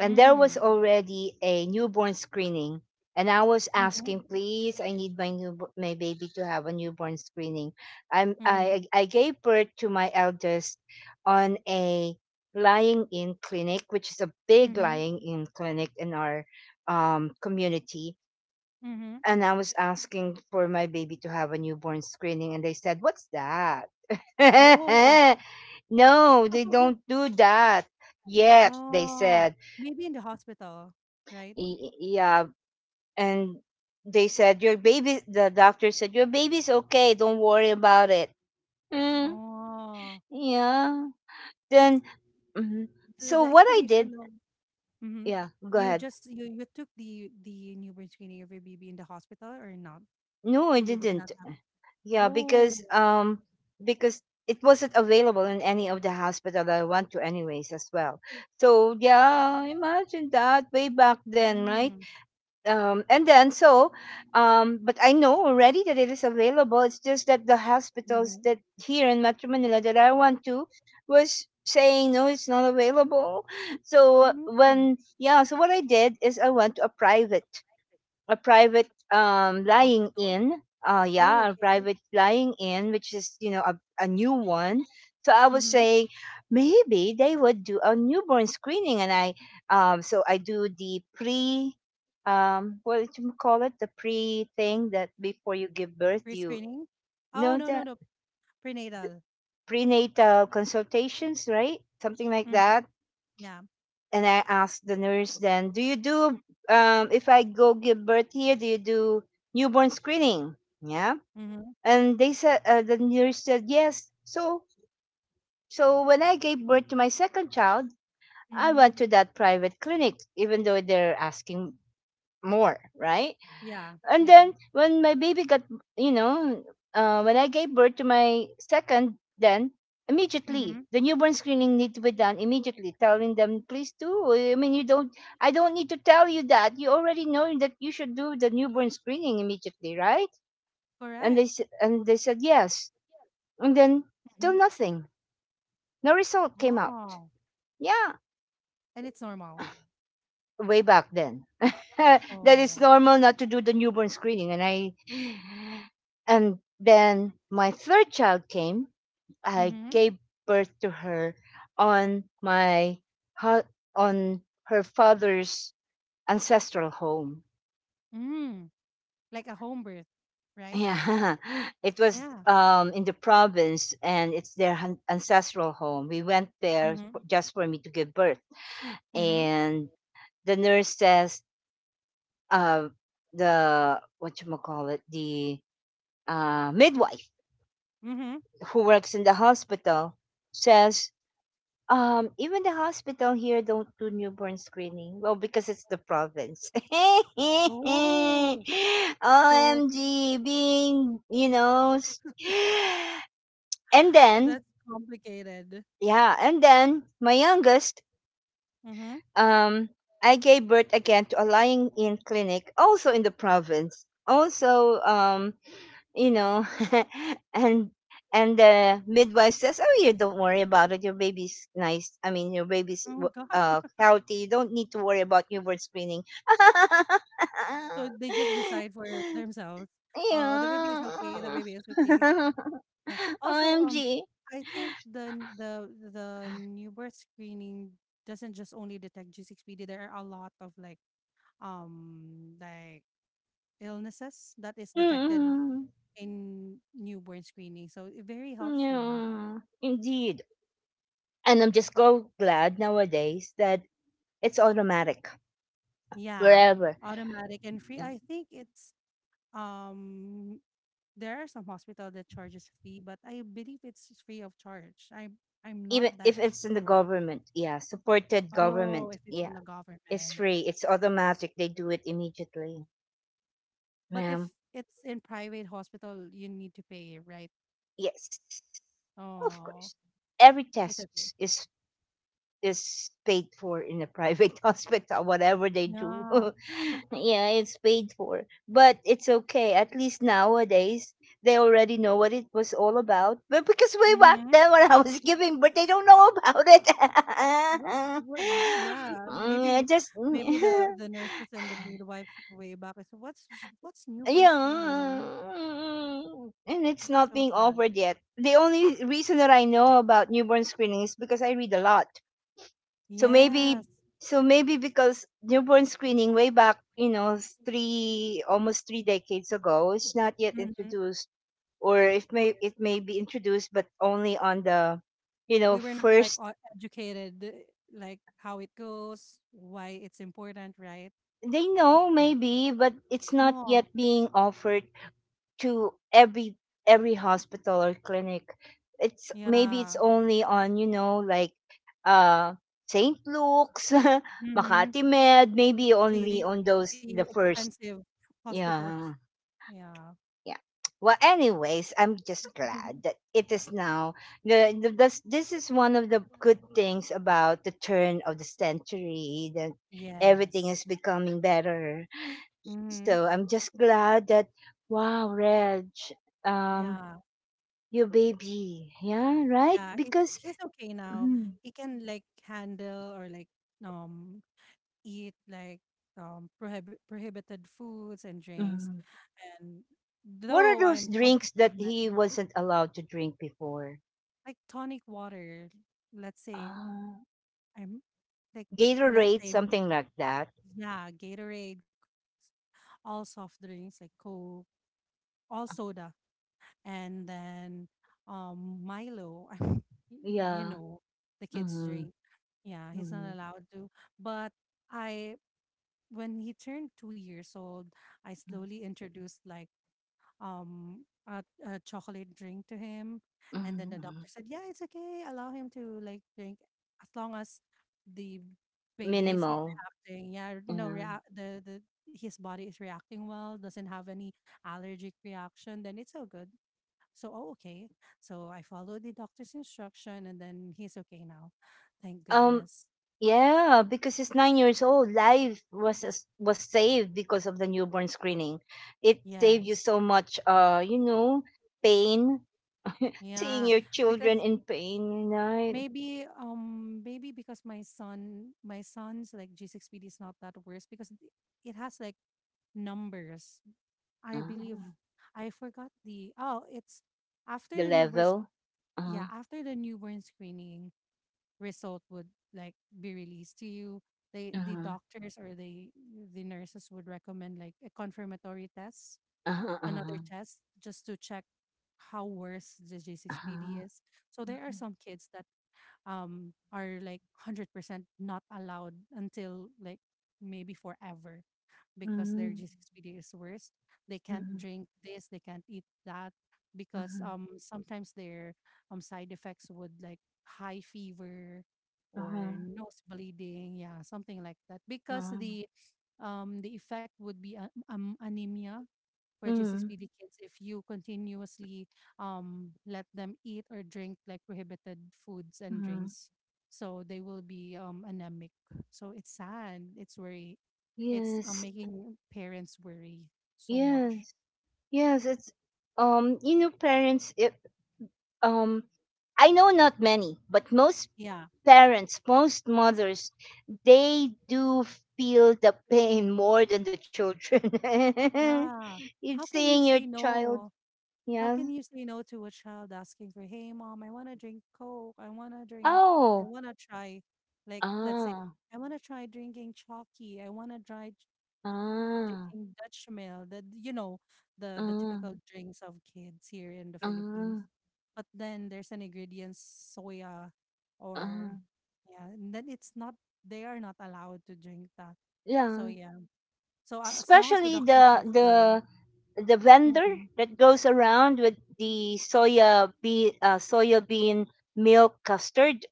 A: and there was already a newborn screening. And I was
B: Mm-hmm.
A: asking, please, I need my baby to have a newborn screening.
B: Mm-hmm.
A: I gave birth to my eldest on a lying-in clinic, which is a big
B: Mm-hmm.
A: lying-in clinic in our community.
B: Mm-hmm.
A: And I was asking for my baby to have a newborn screening, and they said, "What's that?"
B: Oh.
A: No, they don't do that yet, they
B: Oh.
A: said.
B: Maybe in the hospital, right?
A: Yeah. And they said, your baby, the doctor said, your baby's okay. Don't worry about it. Mm,
B: Oh.
A: yeah.
B: It's
A: Then, mhm.
B: the,
A: So
B: the
A: what I
B: explanation
A: did,
B: of... Mm-hmm.
A: yeah, go
B: You
A: ahead.
B: just you you took the newborn screening of your baby in the hospital, or not?
A: No, I
B: You did not
A: didn't.
B: have.
A: Yeah,
B: Oh.
A: because it wasn't available in any of the hospital that I went to, anyways, as well. So, yeah, imagine that way back then, right?
B: Mm-hmm.
A: And then so but I know already that it is available. It's just that the hospitals
B: Mm-hmm.
A: that here in Metro Manila that I went to was saying no, it's not available. So
B: Mm.
A: when yeah so what I did is I went to a private lying
B: Hospital.
A: in.
B: Oh,
A: Yeah, a
B: okay.
A: private lying in, which is you know a new one. So I was
B: Mm-hmm.
A: saying maybe they would do a newborn screening, and I so I do what do you call it, the pre thing that before you give birth, you
B: Pre-screening. Oh,
A: know
B: no, no,
A: the
B: no, prenatal.
A: prenatal consultations, right? Something like
B: Mm-hmm.
A: that.
B: Yeah.
A: And I asked the nurse then, do you do if I go give birth here, do you do newborn screening? Yeah.
B: Mm-hmm.
A: And they said, the nurse said, yes. So, so when I gave birth to my second child, I
B: Mm-hmm.
A: went to that private clinic, even though they're asking more, right?
B: Yeah.
A: And
B: Yeah.
A: then when my baby got, you know, when I gave birth to my second, then immediately
B: Mm-hmm.
A: the newborn screening need to be done immediately, telling them, please do. I mean, you don't, I don't need to tell you that. You already know that you should do the newborn screening immediately, right?
B: Correct.
A: And they said yes. And then
B: Mm-hmm.
A: still nothing. No result came out.
B: Oh,
A: Yeah,
B: and it's normal.
A: way back then. That is
B: Oh.
A: normal not to do the newborn screening. And then my third child came. I
B: Mm-hmm.
A: gave birth to her on hu- on her father's ancestral home.
B: Mm. Like a home birth, right?
A: Yeah, it was
B: Yeah.
A: in the province, and it's their ancestral home. We went there
B: Mm-hmm.
A: just for me to give birth,
B: Mm-hmm.
A: and the nurse says uh, the what you call it the midwife
B: Mm-hmm.
A: who works in the hospital says even the hospital here don't do newborn screening well because it's the province.
B: Oh. So
A: Omg, being you know s- and then
B: that's complicated.
A: yeah. And then my youngest
B: Mhm.
A: um I gave birth again to a lying in clinic also in the province also um, you know and and the midwife says, oh, you don't worry about it, your baby's nice, I mean your baby's
B: Oh, gosh.
A: healthy, you don't need to worry about newborn screening.
B: So they just decide for themselves. Oh, the baby is okay. The
A: Yeah.
B: baby is okay. Yeah. Also,
A: Omg.
B: I think the n- the newborn screening doesn't just only detect G6PD. There are a lot of, like, like, illnesses that is detected
A: Mm-mm.
B: in newborn screening. So very helpful.
A: Yeah, indeed. And I'm just so glad nowadays that it's automatic
B: Yeah.
A: wherever.
B: Automatic and free.
A: Yeah.
B: I think it's um there are some hospital that charges a fee, but I believe it's free of charge. I'm not
A: Even if
B: that
A: it's in the
B: sure.
A: government, yeah, supported
B: Oh,
A: government,
B: if it's
A: yeah,
B: in the
A: it's
B: government.
A: free, it's automatic, they do it immediately,
B: But if
A: ma'am.
B: it's in private hospital, you need to pay, right?
A: Yes, of
B: Oh,
A: course, every
B: it's okay.
A: test is is paid for in a private hospital whatever they do.
B: Yeah.
A: Yeah, it's paid for, but it's okay. At least nowadays they already know what it was all about, but because way back
B: Mm-hmm.
A: then when I was giving but they don't know about it.
B: What, yeah,
A: Mm, I
B: maybe
A: just
B: maybe the the nurses and the midwives way back. So what's newborn
A: yeah.
B: screening?
A: Mm, and it's
B: It's
A: not
B: so
A: being
B: sad.
A: offered yet. The only reason that I know about newborn screening is because I read a lot. So maybe
B: Yes.
A: so maybe because newborn screening way back, three almost three decades ago, it's not yet
B: Mhm.
A: introduced. Or if may it may be introduced but only on the
B: We were not, like,
A: first.
B: educated, like, how it goes, why it's important, right?
A: They know
B: maybe the-
A: maybe, but it's not
B: oh,
A: yet being offered to every hospital or clinic. It's
B: yeah.
A: only on, you know, like, uh St. Luke's
B: Hmm.
A: Makati Med, maybe
B: the
A: only
B: the
A: on those,
B: the
A: the first.
B: expensive hospitals.
A: Yeah,
B: Yeah.
A: yeah. Well, anyways, I'm just glad that it is now. This is one of the good things about the turn of the century, that everything
B: Yes.
A: is becoming better.
B: Hmm.
A: So I'm just glad that. Wow, Reg, um
B: Yeah.
A: your baby. Yeah, right?
B: Yeah
A: Because
B: he's okay now.
A: mm,
B: He can, like, handle, or like, um eat, like prohibited foods and drinks,
A: mm,
B: and
A: what are
B: though
A: those
B: I'm cautious
A: drinks
B: with
A: that
B: medicine.
A: he wasn't allowed to drink before?
B: Like, tonic water, let's say,
A: Uh,
B: I'm like let's
A: Gatorade,
B: say m-
A: something like that.
B: yeah, Gatorade, all soft drinks like Coke, all soda, and then Milo, you
A: Yeah.
B: know, the kids
A: Mm-hmm.
B: drink. Yeah, he's
A: Mm-hmm.
B: not allowed to. But I when he turned 2 years old, I
A: Mm-hmm,
B: slowly introduced, like, a chocolate drink to him, and then the
A: mm-hmm.
B: doctor said, yeah, it's okay, allow him to, like, drink, as long as the baby is, like,
A: Minimal.
B: reacting, yeah, no
A: Yeah.
B: rea- the his body is reacting well, doesn't have any allergic reaction, then it's all good. So, oh, okay, so I followed the doctor's instruction, and then he's okay now, thank
A: Um.
B: goodness.
A: Yeah, because he's 9 years old. Life was was saved because of the newborn screening. It saved you
B: Yes.
A: so much, pain. Seeing
B: Yeah.
A: your
B: Because
A: children in pain, right?
B: maybe, maybe because my son's, like, G6PD is not that worse, because it has, like, numbers. I believe I forgot the, oh, it's after
A: The
B: the newborn,
A: level?
B: yeah,
A: Uh-huh,
B: after the newborn screening result would like be released to you. The
A: uh-huh,
B: doctors or the nurses would recommend like a confirmatory test,
A: uh-huh,
B: another
A: uh-huh,
B: test just to check how worse the G6PD
A: uh-huh,
B: is. So there are
A: uh-huh.
B: some kids that are like 100% not allowed until like maybe forever because their
A: Mhm,
B: G6PD is worse. They can't
A: mhm,
B: drink this, they can't eat that because
A: mhm,
B: sometimes their side effects would like high fever or
A: uh-huh,
B: nose bleeding, yeah, something like that because
A: uh-huh.
B: the effect would be anemia for
A: Mhm,
B: G6PD kids if you continuously let them eat or drink like prohibited foods and
A: mhm.
B: drinks. So they will be anemic. So it's sad. It's worry. It's
A: Yes,
B: making parents worry so much.
A: yes, yes. It's, parents. If um, I know not many, but most
B: Yeah.
A: parents, most mothers, they do feel the pain more than the children.
B: Yeah.
A: It's
B: How can
A: seeing
B: you
A: your
B: say
A: child,
B: no?
A: yeah.
B: How can you say no to a child asking for, hey, mom, I want to drink Coke. I want to drink, I
A: Oh,
B: want to try, like, let's say,
A: ah.
B: I want to try drinking chalky. I want to try
A: Ah,
B: drinking Dutch Mill, the you know, the
A: ah,
B: typical drinks of kids here in the Philippines.
A: ah,
B: But then there's an ingredient soya or,
A: ah.
B: yeah, and then it's not, they are not allowed to drink that. So
A: Yeah,
B: yeah. So as long as the
A: especially
B: doctor
A: the
B: says go.
A: the the vendor
B: Hmm.
A: that goes around with the soya bean milk custard,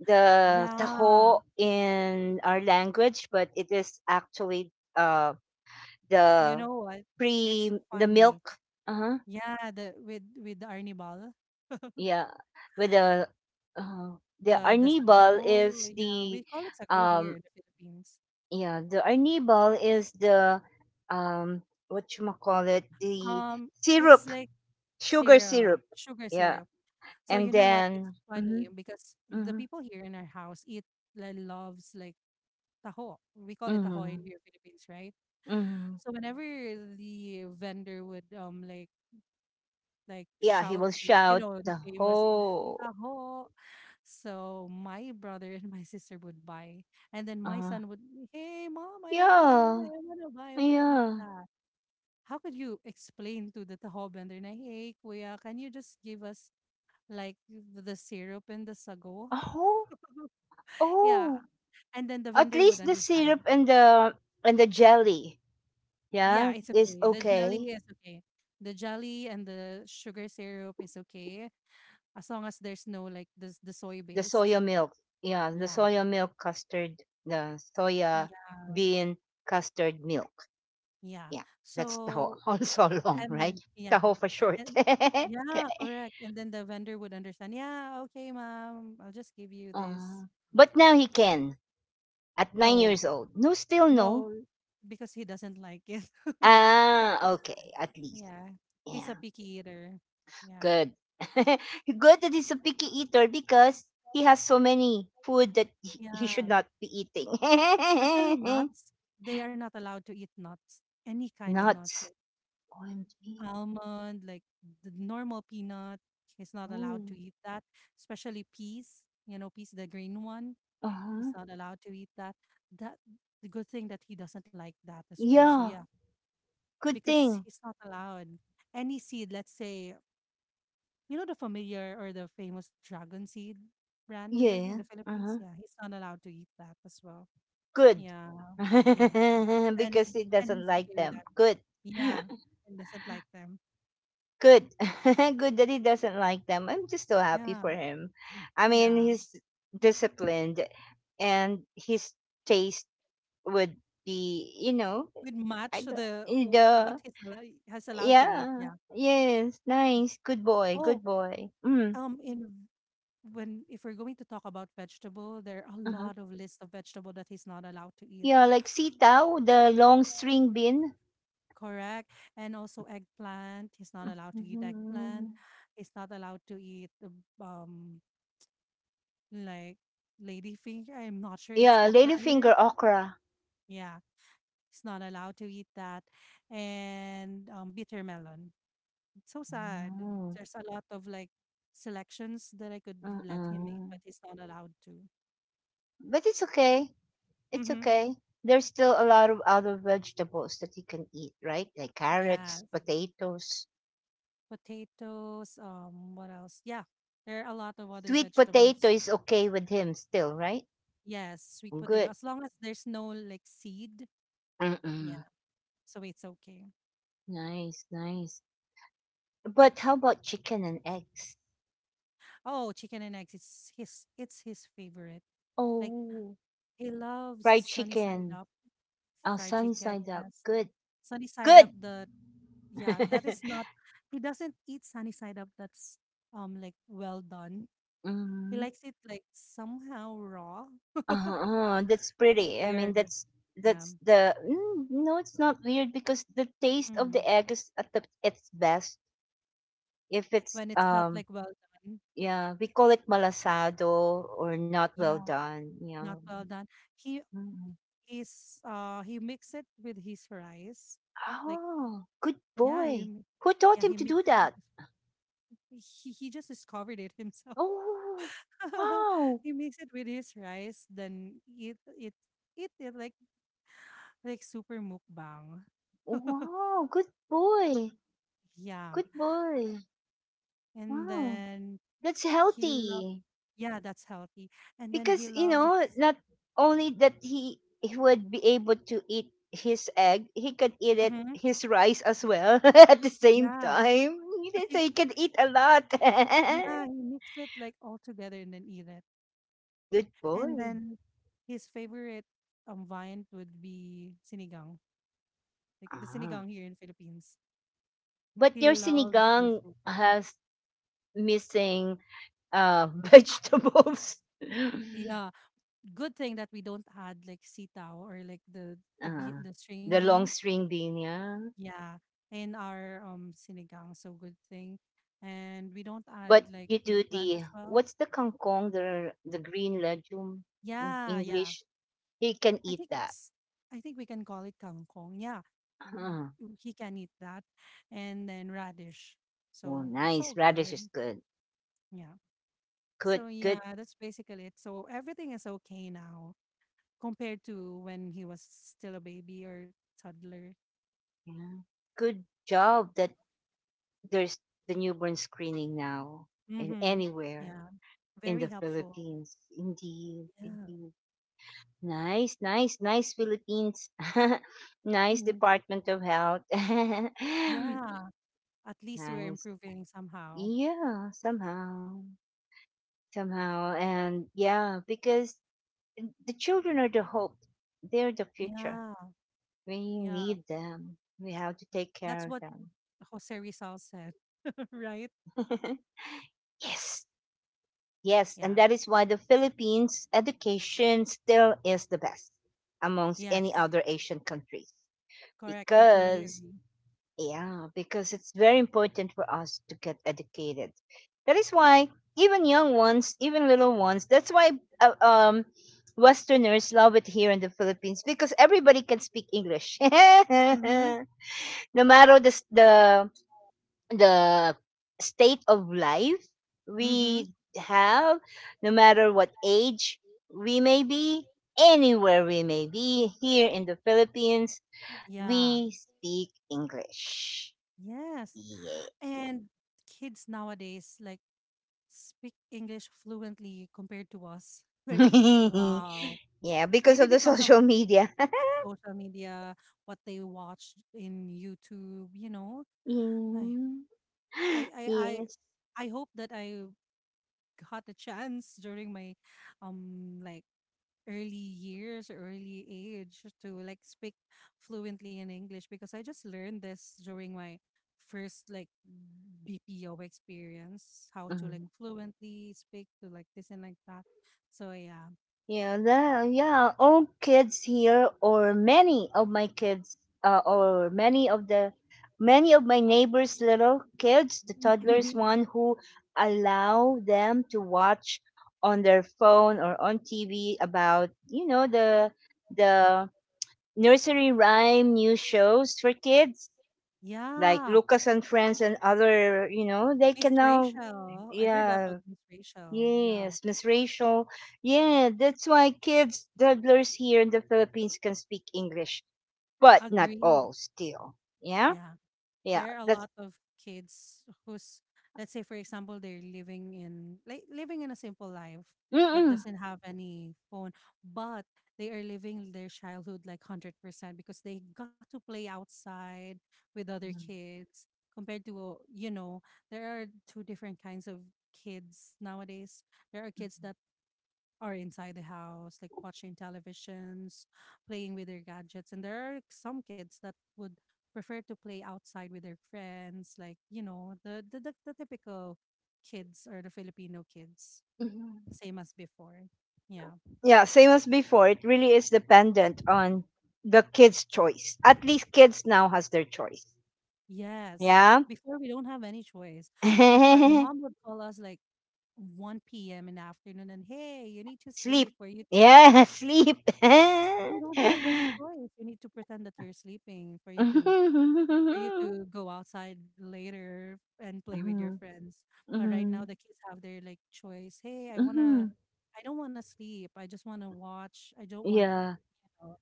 A: the
B: Yeah.
A: taho in our language, but it is actually, uh
B: You
A: the
B: know what? It's
A: the
B: funny.
A: milk. Uh huh.
B: Yeah, the with the arnibal,
A: Yeah, with uh, the
B: the
A: arnibal
B: sago.
A: is
B: Yeah,
A: the
B: we call it sago here
A: um
B: in the Philippines.
A: Yeah, the arnibal is the, um what you call it, the
B: Um, it's
A: syrup,
B: like
A: sugar
B: syrup,
A: syrup.
B: sugar
A: Yeah,
B: syrup. So
A: and
B: you know what? It's
A: then mm-hmm,
B: funny because the
A: mm-hmm,
B: people here in our house eat like, loves like taho. We call it taho
A: mm-hmm,
B: in here Philippines, right?
A: mm-hmm.
B: So whenever the vendor would
A: Yeah, he
B: shout
A: will
B: the you
A: shout
B: know the
A: the
B: famous
A: whole.
B: taho, so my brother and my sister would buy, and then my
A: Uh,
B: son would, hey mom, I wanna buy,
A: yeah,
B: I wanna buy, I wanna eat
A: yeah.
B: that. How could you explain to the taho vendor na, hey kuya, can you just give us like the syrup and the sago.
A: Oh,
B: Yeah.
A: oh.
B: And then the
A: At
B: vendor would
A: least the syrup
B: understand.
A: and the jelly,
B: Yeah,
A: yeah,
B: it's
A: is
B: okay. The jelly
A: okay.
B: is okay. The jelly and the sugar syrup is okay as long as there's no like this the soy
A: The
B: based.
A: soya milk. Yeah, the
B: Yeah.
A: soya milk custard, the soya
B: Yeah.
A: bean custard milk.
B: Yeah.
A: Yeah, that's taho.
B: So
A: Also long,
B: and
A: right?
B: then yeah.
A: Taho for short.
B: And yeah, correct. And then the vendor would understand. Yeah, okay, madam, I'll just give you this.
A: But now he can, at nine
B: No.
A: years old. No, still no.
B: No, because he doesn't like it.
A: Ah, okay. At least,
B: Yeah, he's a
A: yeah,
B: picky eater. Yeah.
A: good. Good that he's a picky eater because he has so many food that he
B: Yeah,
A: should not be eating.
B: especially nuts. They are not allowed to eat nuts, any kind of nuts,
A: Nuts.
B: like
A: OMG.
B: almond, like the normal peanut. He's not allowed to
A: Mm.
B: eat that, especially peas. You know, peas, the green one. He's
A: Uh-huh.
B: not allowed to eat that. That the good thing that he doesn't like that as well. So
A: Yeah,
B: yeah,
A: good
B: because
A: thing.
B: he's not allowed any seed. Let's say, you know the familiar or the famous dragon seed brand here in
A: Yeah.
B: the Philippines?
A: Uh-huh.
B: Yeah, he's not allowed to eat that as well.
A: Good.
B: Yeah, yeah. And
A: Because he
B: and he's
A: doesn't like
B: okay with
A: them.
B: that.
A: Good.
B: Yeah. And doesn't like them.
A: Good. Good that he doesn't like them. I'm just so happy
B: Yeah,
A: for him. I mean,
B: yeah.
A: he's disciplined, and his taste would be, you know,
B: Would match
A: I don't,
B: the what
A: the,
B: he's allow, has allowed to eat.
A: yeah.
B: Yeah.
A: Yes, nice. Good boy.
B: Oh,
A: Good boy. Mm.
B: in when if we're going to talk about vegetable, there are a
A: Uh-huh.
B: lot of lists of vegetable that he's not allowed to eat.
A: Yeah, like sitaw, the long string bean.
B: Correct. And also eggplant. He's not allowed to eat eggplant.
A: Mhm.
B: He's not allowed to eat the, um like lady finger. I'm not sure it's
A: Yeah,
B: okra here.
A: ladyfinger okra.
B: Yeah, it's not allowed to eat that. And bitter melon. It's so sad.
A: Mm.
B: There's a lot of like selections that I could let him eat,
A: Mm-mm.
B: but he's not allowed to.
A: But it's okay. It's
B: Mm-hmm.
A: okay. There's still a lot of other vegetables that you can eat, right? Like carrots,
B: Yes.
A: potatoes.
B: Potatoes. What else? Yeah, there are a lot of other
A: Sweet potato
B: vegetables.
A: is okay with him still, right?
B: Yes, sweet potato.
A: Good.
B: As long as there's no like seed. Yeah.
A: Mm-mm.
B: So it's okay.
A: Nice, nice. But how about chicken and eggs?
B: Oh, chicken and eggs. It's his. It's his favorite. Like
A: Oh,
B: He loves
A: fried
B: sunny side
A: chicken.
B: up
A: Oh,
B: fried
A: sunny
B: chicken,
A: side up.
B: yes.
A: Good.
B: Sunny side up,
A: Good.
B: the, yeah, that is not, he doesn't eat sunny side up that's, like well done. He
A: Mhm.
B: likes it like somehow raw.
A: Uh-huh. That's pretty. I mean,
B: Weird.
A: that's
B: Yeah.
A: that's no, it's not weird because the taste of
B: Mm.
A: the egg is at the, its best if it's
B: When it's not like well done.
A: yeah, we call it malasado, or not well
B: Yeah,
A: done. Yeah.
B: not well done. He
A: Mm.
B: he mix it with his rice. Like,
A: Oh, good
B: yeah,
A: boy.
B: you,
A: Who taught
B: yeah,
A: him
B: he
A: to do
B: mixed it with
A: that?
B: his, he just discovered it himself.
A: Oh, wow.
B: He makes it with his rice, then eat it like super mukbang.
A: Wow, good boy.
B: Yeah.
A: Good boy.
B: And
A: Wow.
B: then
A: That's
B: he loves,
A: healthy.
B: yeah, that's healthy. And then
A: Because,
B: he loves,
A: not only that he would be able to eat his egg, he could eat it
B: mhm,
A: his rice as well at the same
B: yeah.
A: time,
B: Because
A: so
B: he,
A: he could eat a lot.
B: yeah, he mix it like all together and then eat it.
A: Good
B: And
A: boy.
B: then his favorite viand would be sinigang. Like the
A: Ah.
B: sinigang here in Philippines.
A: But
B: He
A: your
B: loves the
A: sinigang
B: soup.
A: has missing, vegetables.
B: Yeah. Good thing that we don't add like sitaw or like the the be-
A: Ah,
B: the string
A: the long
B: beans.
A: string bean, yeah.
B: Yeah, in our sinigang, so good thing. And we don't add
A: But
B: like
A: you do
B: plant
A: the
B: as well.
A: what's the kangkong, the green legume in
B: Yeah, yeah.
A: English. He can
B: I
A: eat
B: think
A: that.
B: it's I think we can call it kangkong. Yeah.
A: Huh.
B: He can eat that. And then radish.
A: Well,
B: So it's all
A: nice. Radish
B: good.
A: is good.
B: Yeah.
A: Good,
B: So yeah,
A: good,
B: that's basically it. So everything is okay now compared to when he was still a baby or toddler.
A: you know, good job that there's the newborn screening now, and
B: Mhm.
A: anywhere
B: Yeah.
A: in
B: Very
A: the
B: helpful.
A: Philippines. Indeed,
B: Yeah.
A: indeed. Nice, nice, nice Philippines. Nice
B: Mhm.
A: Department of Health.
B: Yeah. At least we're
A: Nice.
B: improving somehow.
A: Yeah, somehow, somehow. And yeah, because the children are the hope, they're the future.
B: Yeah.
A: We
B: Yeah.
A: need them. We have to take care
B: That's
A: of
B: what
A: them.
B: Jose Rizal said, right?
A: Yes. Yes. And
B: Yeah.
A: that is why the Philippines education still is the best amongst any
B: Yes.
A: other Asian countries.
B: Correct. I totally
A: Because,
B: agree.
A: yeah, because it's very important for us to get educated. That is why even young ones, even little ones, that's why uh, um, Westerners love it here in the Philippines, because everybody can speak English.
B: Mm-hmm.
A: No matter the, the state of life
B: Mm-hmm.
A: we have, no matter what age we may be, anywhere we may be here in the Philippines,
B: Yeah.
A: we speak English.
B: Yes.
A: Yeah.
B: And kids nowadays like speak English fluently compared to us. Like, wow.
A: Yeah, because
B: Maybe
A: of the
B: because of
A: social media.
B: social media, what they watch in YouTube, you know? Ay,
A: Yeah.
B: I I I
A: Yes.
B: I hope that I got a chance during my like early years or early age to like speak fluently in English because I just learned this during my first like BPO experience how to like
A: Mhm.
B: fluently speak to like this and like that. So yeah.
A: Yeah, that, yeah, all kids here, or many of my kids, or many of the, many of my neighbors' little kids, the toddlers, one who allow them to watch on their phone or on TV about, you know, the nursery rhyme new shows for kids like
B: Yeah.
A: Lucas and Friends and other, they
B: Miss
A: can now,
B: Rachel. I've heard
A: yeah.
B: about Miss Rachel. Yeah.
A: Yes, Miss Rachel. Yeah, that's why kids, toddlers here in the Philippines, can speak English, but not all
B: Agree.
A: still. Yeah,
B: Yeah.
A: yeah,
B: There are a
A: that's.
B: lot of kids who's, let's say for example, they're living in like living in a simple life that
A: Mm-mm.
B: doesn't have any phone but they are living their childhood like 100% because they got to play outside with other kids compared to there are two different kinds of kids nowadays. There are kids that or inside the house, like watching televisions, playing with their gadgets. And there are some kids that would prefer to play outside with their friends, like, the typical kids or the Filipino kids,
A: Mhm.
B: same as before. Yeah.
A: Yeah, same as before. It really is dependent on the kids' choice. At least kids now has their choice.
B: Yes.
A: Yeah,
B: Before we don't have any choice. If our mom would call us like 1 p.m. in the afternoon and hey, you need to
A: sleep.
B: sleep for you to, yeah,
A: Yeah, sleep.
B: you don't have any
A: Mhm.
B: choice. You need to pretend that you're sleeping for you to go outside later and play with your
A: Mhm.
B: friends. But right now the kids have their like choice. Hey,
A: Mhm.
B: I don't wanna sleep. I just wanna watch. I don't wanna.
A: Yeah.
B: you know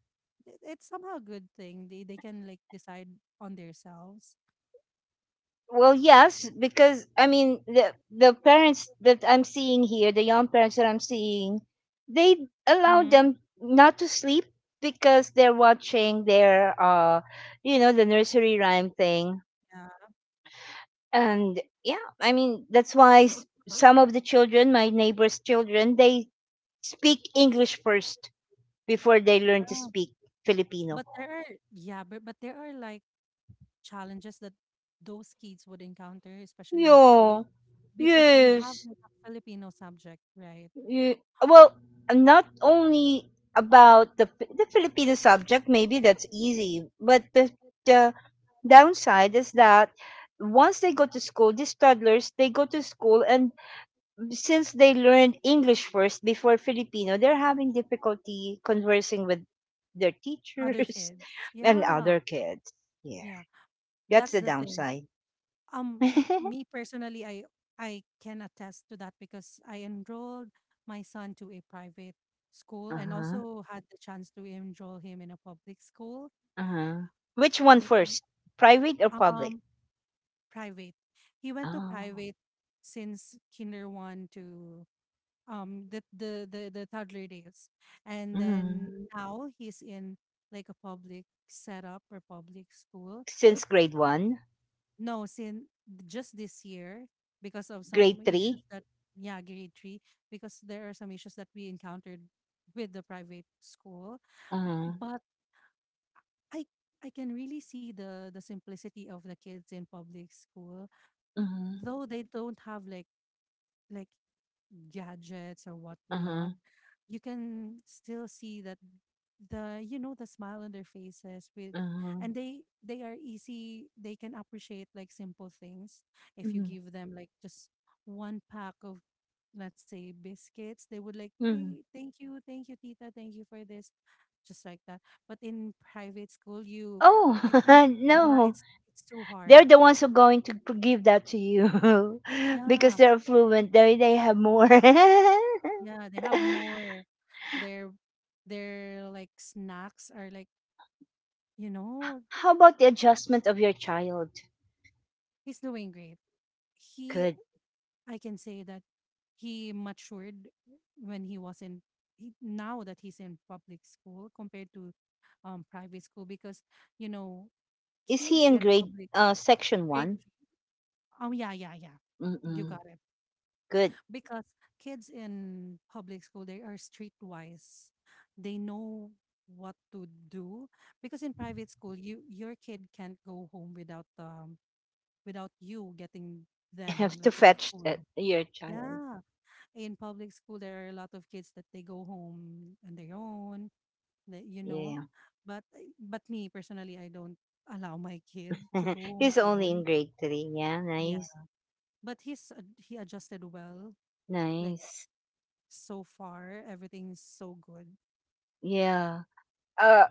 B: it- it's somehow a good thing. They can like decide on themselves.
A: Well, yes, because I mean the parents that I'm seeing here, the young parents that I'm seeing, they allow
B: Mm.
A: them not to sleep because they're watching their the nursery rhyme thing.
B: Yeah.
A: And yeah, I mean that's why, some of the children, my neighbors' children, they speak English first before they learn to
B: Yeah.
A: speak Filipino.
B: But there are, yeah, but there are like challenges that those kids would encounter, especially in
A: Yeah.
B: school, because we have
A: Yes.
B: like a Filipino subject, right?
A: Y- well, not only about the Filipino subject, maybe that's easy, but the downside is that once they go to school, these toddlers they go to school, and since they learned English first before Filipino, they're having difficulty conversing with their
B: Other
A: teachers
B: kids.
A: and
B: Yeah.
A: other kids. Yeah,
B: Yeah.
A: that's
B: That's
A: the
B: the thing.
A: downside.
B: Um, Me personally, I can attest to that because I enrolled my son to a private school and
A: Uh-huh.
B: also had the chance to enroll him in a public school.
A: Uh-huh. Which one
B: The,
A: first? Private or public?
B: um, private. He went to
A: Oh.
B: private since kinder one to the toddler days, and then
A: Mm.
B: now he's in like a public setup or public school.
A: Since grade 1,
B: No, since just this year, because of some
A: grade
B: issues
A: 3?
B: that, yeah, grade three, because there are some issues that we encountered with the private school.
A: Uh-huh.
B: But I I can really see the simplicity of the kids in public school,
A: Uh-huh.
B: though they don't have like like gadgets or whatnot.
A: Uh-huh.
B: You can still see that the, the smile on their faces with,
A: Uh-huh.
B: and they are easy, they can appreciate like simple things if you
A: Mm-hmm.
B: give them like just one pack of, let's say, biscuits, they would like,
A: Mm-hmm.
B: hey, thank you, thank you, tita, thank you for this, just like that. But in private school, you
A: Oh,
B: you can, yeah,
A: no.
B: it's too hard.
A: They're the ones who are going to, give that to you because
B: Yeah,
A: they're fluent. They have more.
B: yeah, they have more, their their like snacks are like, you know.
A: How about the adjustment of your child?
B: He's doing great. He,
A: Good.
B: I can say that he matured when he was in, he, now that he's in public school compared to private school because, you know,
A: Is he
B: kids
A: in
B: in
A: grade
B: public,
A: section
B: grade,
A: 1?
B: three, oh, yeah, yeah, yeah. You
A: Mm-mm.
B: got it.
A: Good.
B: Because kids in public school, they are streetwise. They know what to do. Because in private school, your kid can't go home without without you getting them
A: Have to
B: like in
A: fetch
B: school.
A: that, your child.
B: Yeah. In public school there are a lot of kids that they go home on their own that,
A: Yeah.
B: but me personally, I don't allow my kid to go home
A: He's only
B: alone.
A: in grade 3. Yeah,
B: Yeah,
A: nice.
B: but he adjusted well, like,
A: Nice.
B: so far everything's so good.
A: Yeah. Uh,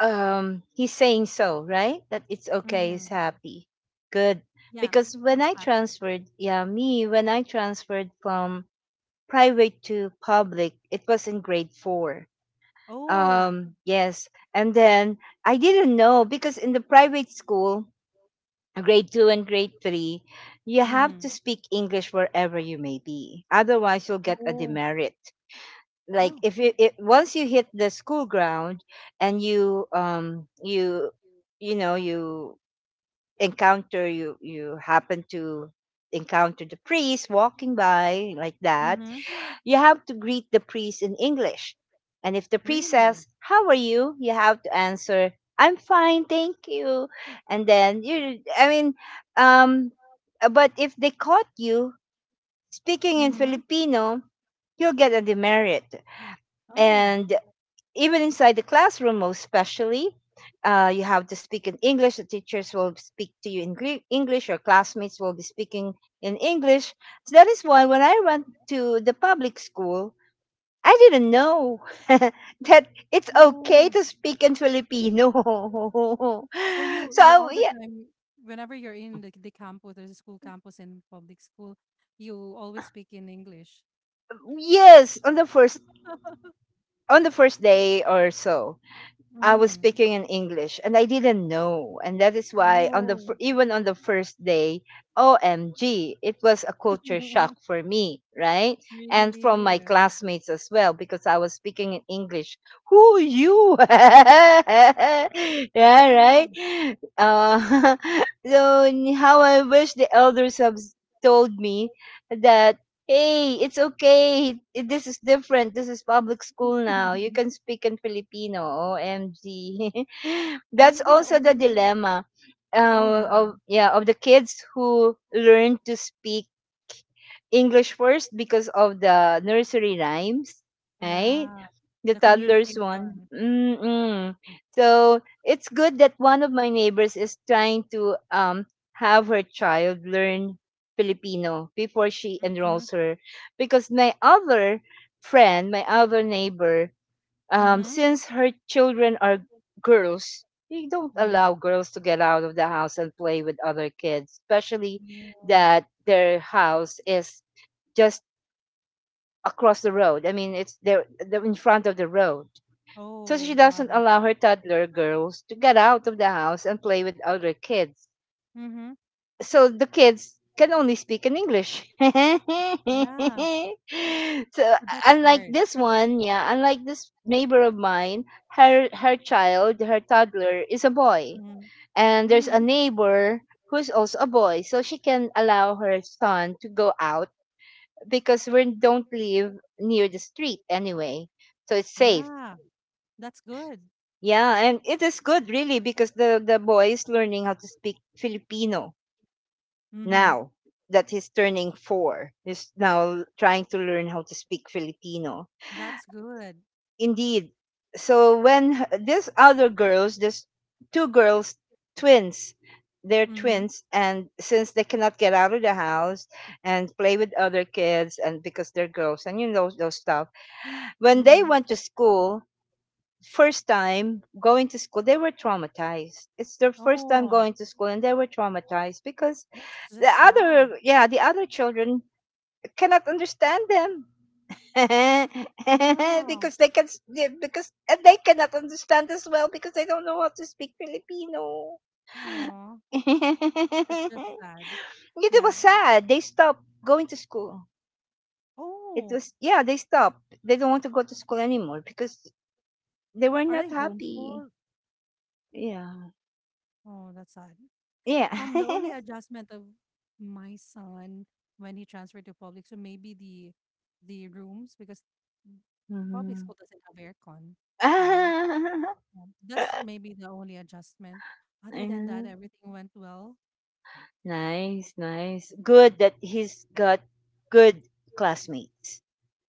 A: um, he's saying so, right? That it's okay,
B: Mm-hmm.
A: he's happy. Good.
B: Yeah,
A: Because when
B: he's
A: I
B: happy.
A: transferred, yeah, me when I transferred from private to public, it was in grade 4.
B: Oh.
A: Um, yes, and then I didn't know because in the private school, grade 2 and grade 3, you have to
B: Mm-hmm.
A: speak English wherever you may be. Otherwise, you'll get a
B: Oh.
A: demerit, like
B: Oh.
A: if you it, once you hit the school ground and you know you you happen to encounter the priest walking by like that,
B: Mm-hmm.
A: you have to greet the priest in English. And if the priest says
B: Really?
A: how are you, you have to answer, I'm fine, thank you. And then you I mean, um but if they caught you speaking in
B: Mm-hmm.
A: Filipino, you'll get a demerit.
B: Oh.
A: And even inside the classroom, most especially, you have to speak in English. The teachers will speak to you in English. Your classmates will be speaking in English. So that is why when I went to the public school, I didn't know that it's okay
B: Oh.
A: to speak in Filipino.
B: So you
A: So
B: all the
A: yeah,
B: time, whenever you're in the, campus, there's a school campus in public school, you always speak in English.
A: yes, on the first, day or so, I was
B: Mm.
A: speaking in English and I didn't know. And that is why on the
B: Oh,
A: even on the first day, OMG, it was a culture shock for me, right? And from my
B: really?
A: classmates as well because I was speaking in English. Who you?
B: You?
A: Yeah,
B: Yeah.
A: right? Uh, so, how I wish the elders have, told me that, hey, it's okay. This is different. This is public school now. You can speak in Filipino. OMG. That's
B: Maybe the
A: also the
B: only.
A: dilemma,
B: Oh
A: of
B: yeah,
A: yeah of the kids who learn to speak English first because of the nursery rhymes, right?
B: yeah.
A: The
B: The
A: toddlers one.
B: communication.
A: Mm-mm. So it's good that one of my neighbors is trying to, have her child learn Filipino before she
B: Mm-hmm.
A: enrolls her, because my other friend, my other neighbor,
B: Mm-hmm.
A: since her children are girls, they don't
B: Mm-hmm.
A: allow girls to get out of the house and play with other kids, especially
B: Yeah.
A: that their house is just across the road. I mean, it's there in front of the road. So she
B: Oh, got
A: doesn't
B: it.
A: allow her toddler girls to get out of the house and play with other kids.
B: Mm-hmm.
A: So the kids can only speak in English. So
B: Yeah. But that's
A: unlike
B: hard.
A: this one, yeah, unlike this neighbor of mine, her child, her toddler is a boy.
B: Mm-hmm.
A: And there's a
B: Mm-hmm.
A: neighbor who's also a boy. So she can allow her son to go out because we don't live near the street anyway. So it's safe.
B: Yeah. That's good.
A: Yeah, and it is good really because the boy is learning how to speak Filipino
B: Mm-hmm.
A: now that he's turning 4. He's now trying to learn how to speak Filipino.
B: That's good.
A: Indeed. So when, these other girls, there's two girls, twins, they're
B: Mhm,
A: twins, and since they cannot get out of the house and play with other kids and because they're girls, and you know those stuff, when they
B: mhm.
A: went to school first time going to school, they were traumatized. It's their first time
B: Oh,
A: going to school and they were traumatized because
B: that's
A: the
B: just sad.
A: other, yeah, the other children cannot understand them
B: Yeah.
A: because they cannot understand as well because they don't know how to speak Filipino.
B: Oh, that's just sad.
A: It was
B: Yeah.
A: sad. They stopped going to school. It
B: Oh,
A: was, yeah, they stopped. They don't want to go to school anymore because they were
B: are
A: not
B: they
A: happy.
B: homeschooled?
A: Yeah.
B: Oh, that's sad.
A: Yeah.
B: The only adjustment of my son when he transferred to public, so maybe the rooms because public
A: Mhm.
B: school doesn't have aircon, right? Yeah. That's maybe the only adjustment. Other than
A: Yeah.
B: that, everything went well.
A: Nice, nice. Good
B: Yeah.
A: that he's got good classmates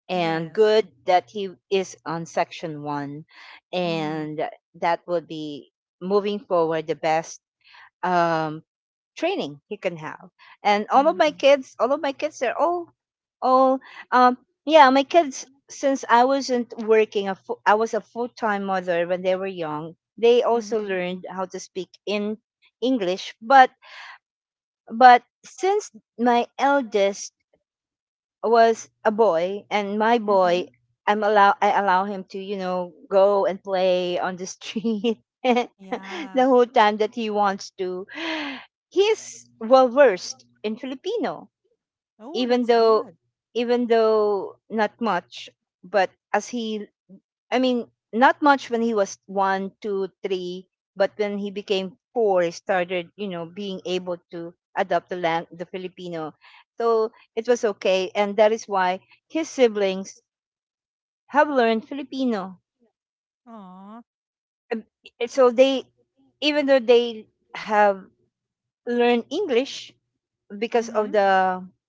A: and
B: Yes.
A: good that he is on section 1.
B: Mhm,
A: And that will be moving forward the best um training he can have. And all of my
B: mhm,
A: kids, all of my kids, they're all, um, yeah, my kids. Since I wasn't working, I was a full time mother when they were young. They also
B: mhm.
A: learned how to speak in English, but since my eldest was a boy, and my boy,
B: Mhm.
A: I allow him to, you know, go and play on the street
B: Yeah.
A: the whole time that he wants to, he's well versed in Filipino
B: Oh,
A: even
B: that's
A: though,
B: good.
A: even though not much, but as he, I mean, not much when he was one, two, three, but when he became four, he started, you know, being able to adopt the land, the Filipino. So it was okay, and that is why his siblings have learned Filipino.
B: Aw.
A: Um, So they, even though they have learned English because of
B: Mhm.
A: the,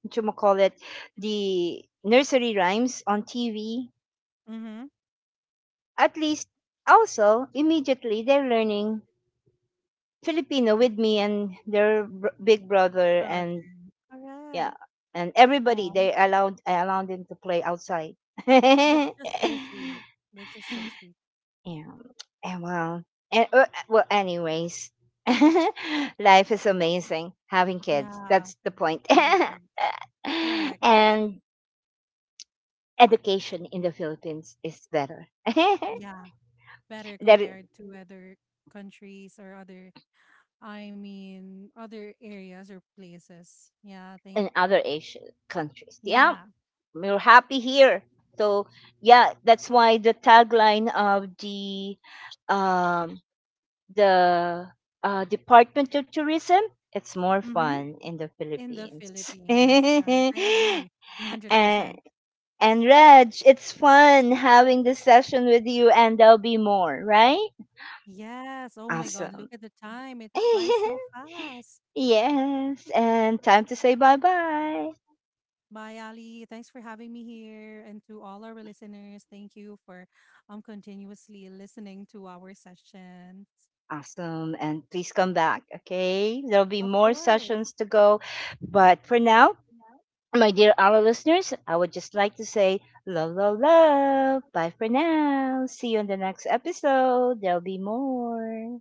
A: what you call it, the nursery rhymes on TV,
B: Mhm.
A: at least also immediately they're learning Filipino with me and their, big brother,
B: Brother.
A: and
B: Correct.
A: yeah, and everybody,
B: Aw.
A: they allowed I allowed them to play outside.
B: That's
A: Yeah.
B: just so sweet. That's just so sweet.
A: And well anyways, life is amazing having kids.
B: Yeah.
A: That's the point.
B: Having kids. Correct.
A: And education in the Philippines is better
B: Yeah. Better
A: than
B: compared to other countries or other, I mean, other areas or places. Yeah. Thank
A: in
B: God.
A: other Asian countries. Yeah.
B: Yeah.
A: We're happy here. So yeah, that's why the tagline of the, um, the, Department of Tourism, it's more
B: Mhm.
A: fun in the
B: In the
A: Philippines.
B: Philippines. Correct.
A: and
B: I agree.
A: and
B: 100%.
A: Raj, it's fun having this session with you, and there'll be more, right?
B: Yes. Oh my God.
A: Awesome.
B: Look at the time. It flies so fast.
A: Yes, and time to say bye bye.
B: Bye, Ali. Thanks for having me here. And to all our listeners, thank you for continuously listening to our session.
A: Awesome. And please come back. Okay. There'll be
B: Of
A: more
B: course.
A: sessions to go. But for now, my dear our listeners, I would just like to say love, love, love. Bye for now. See you in the next episode. There'll be more.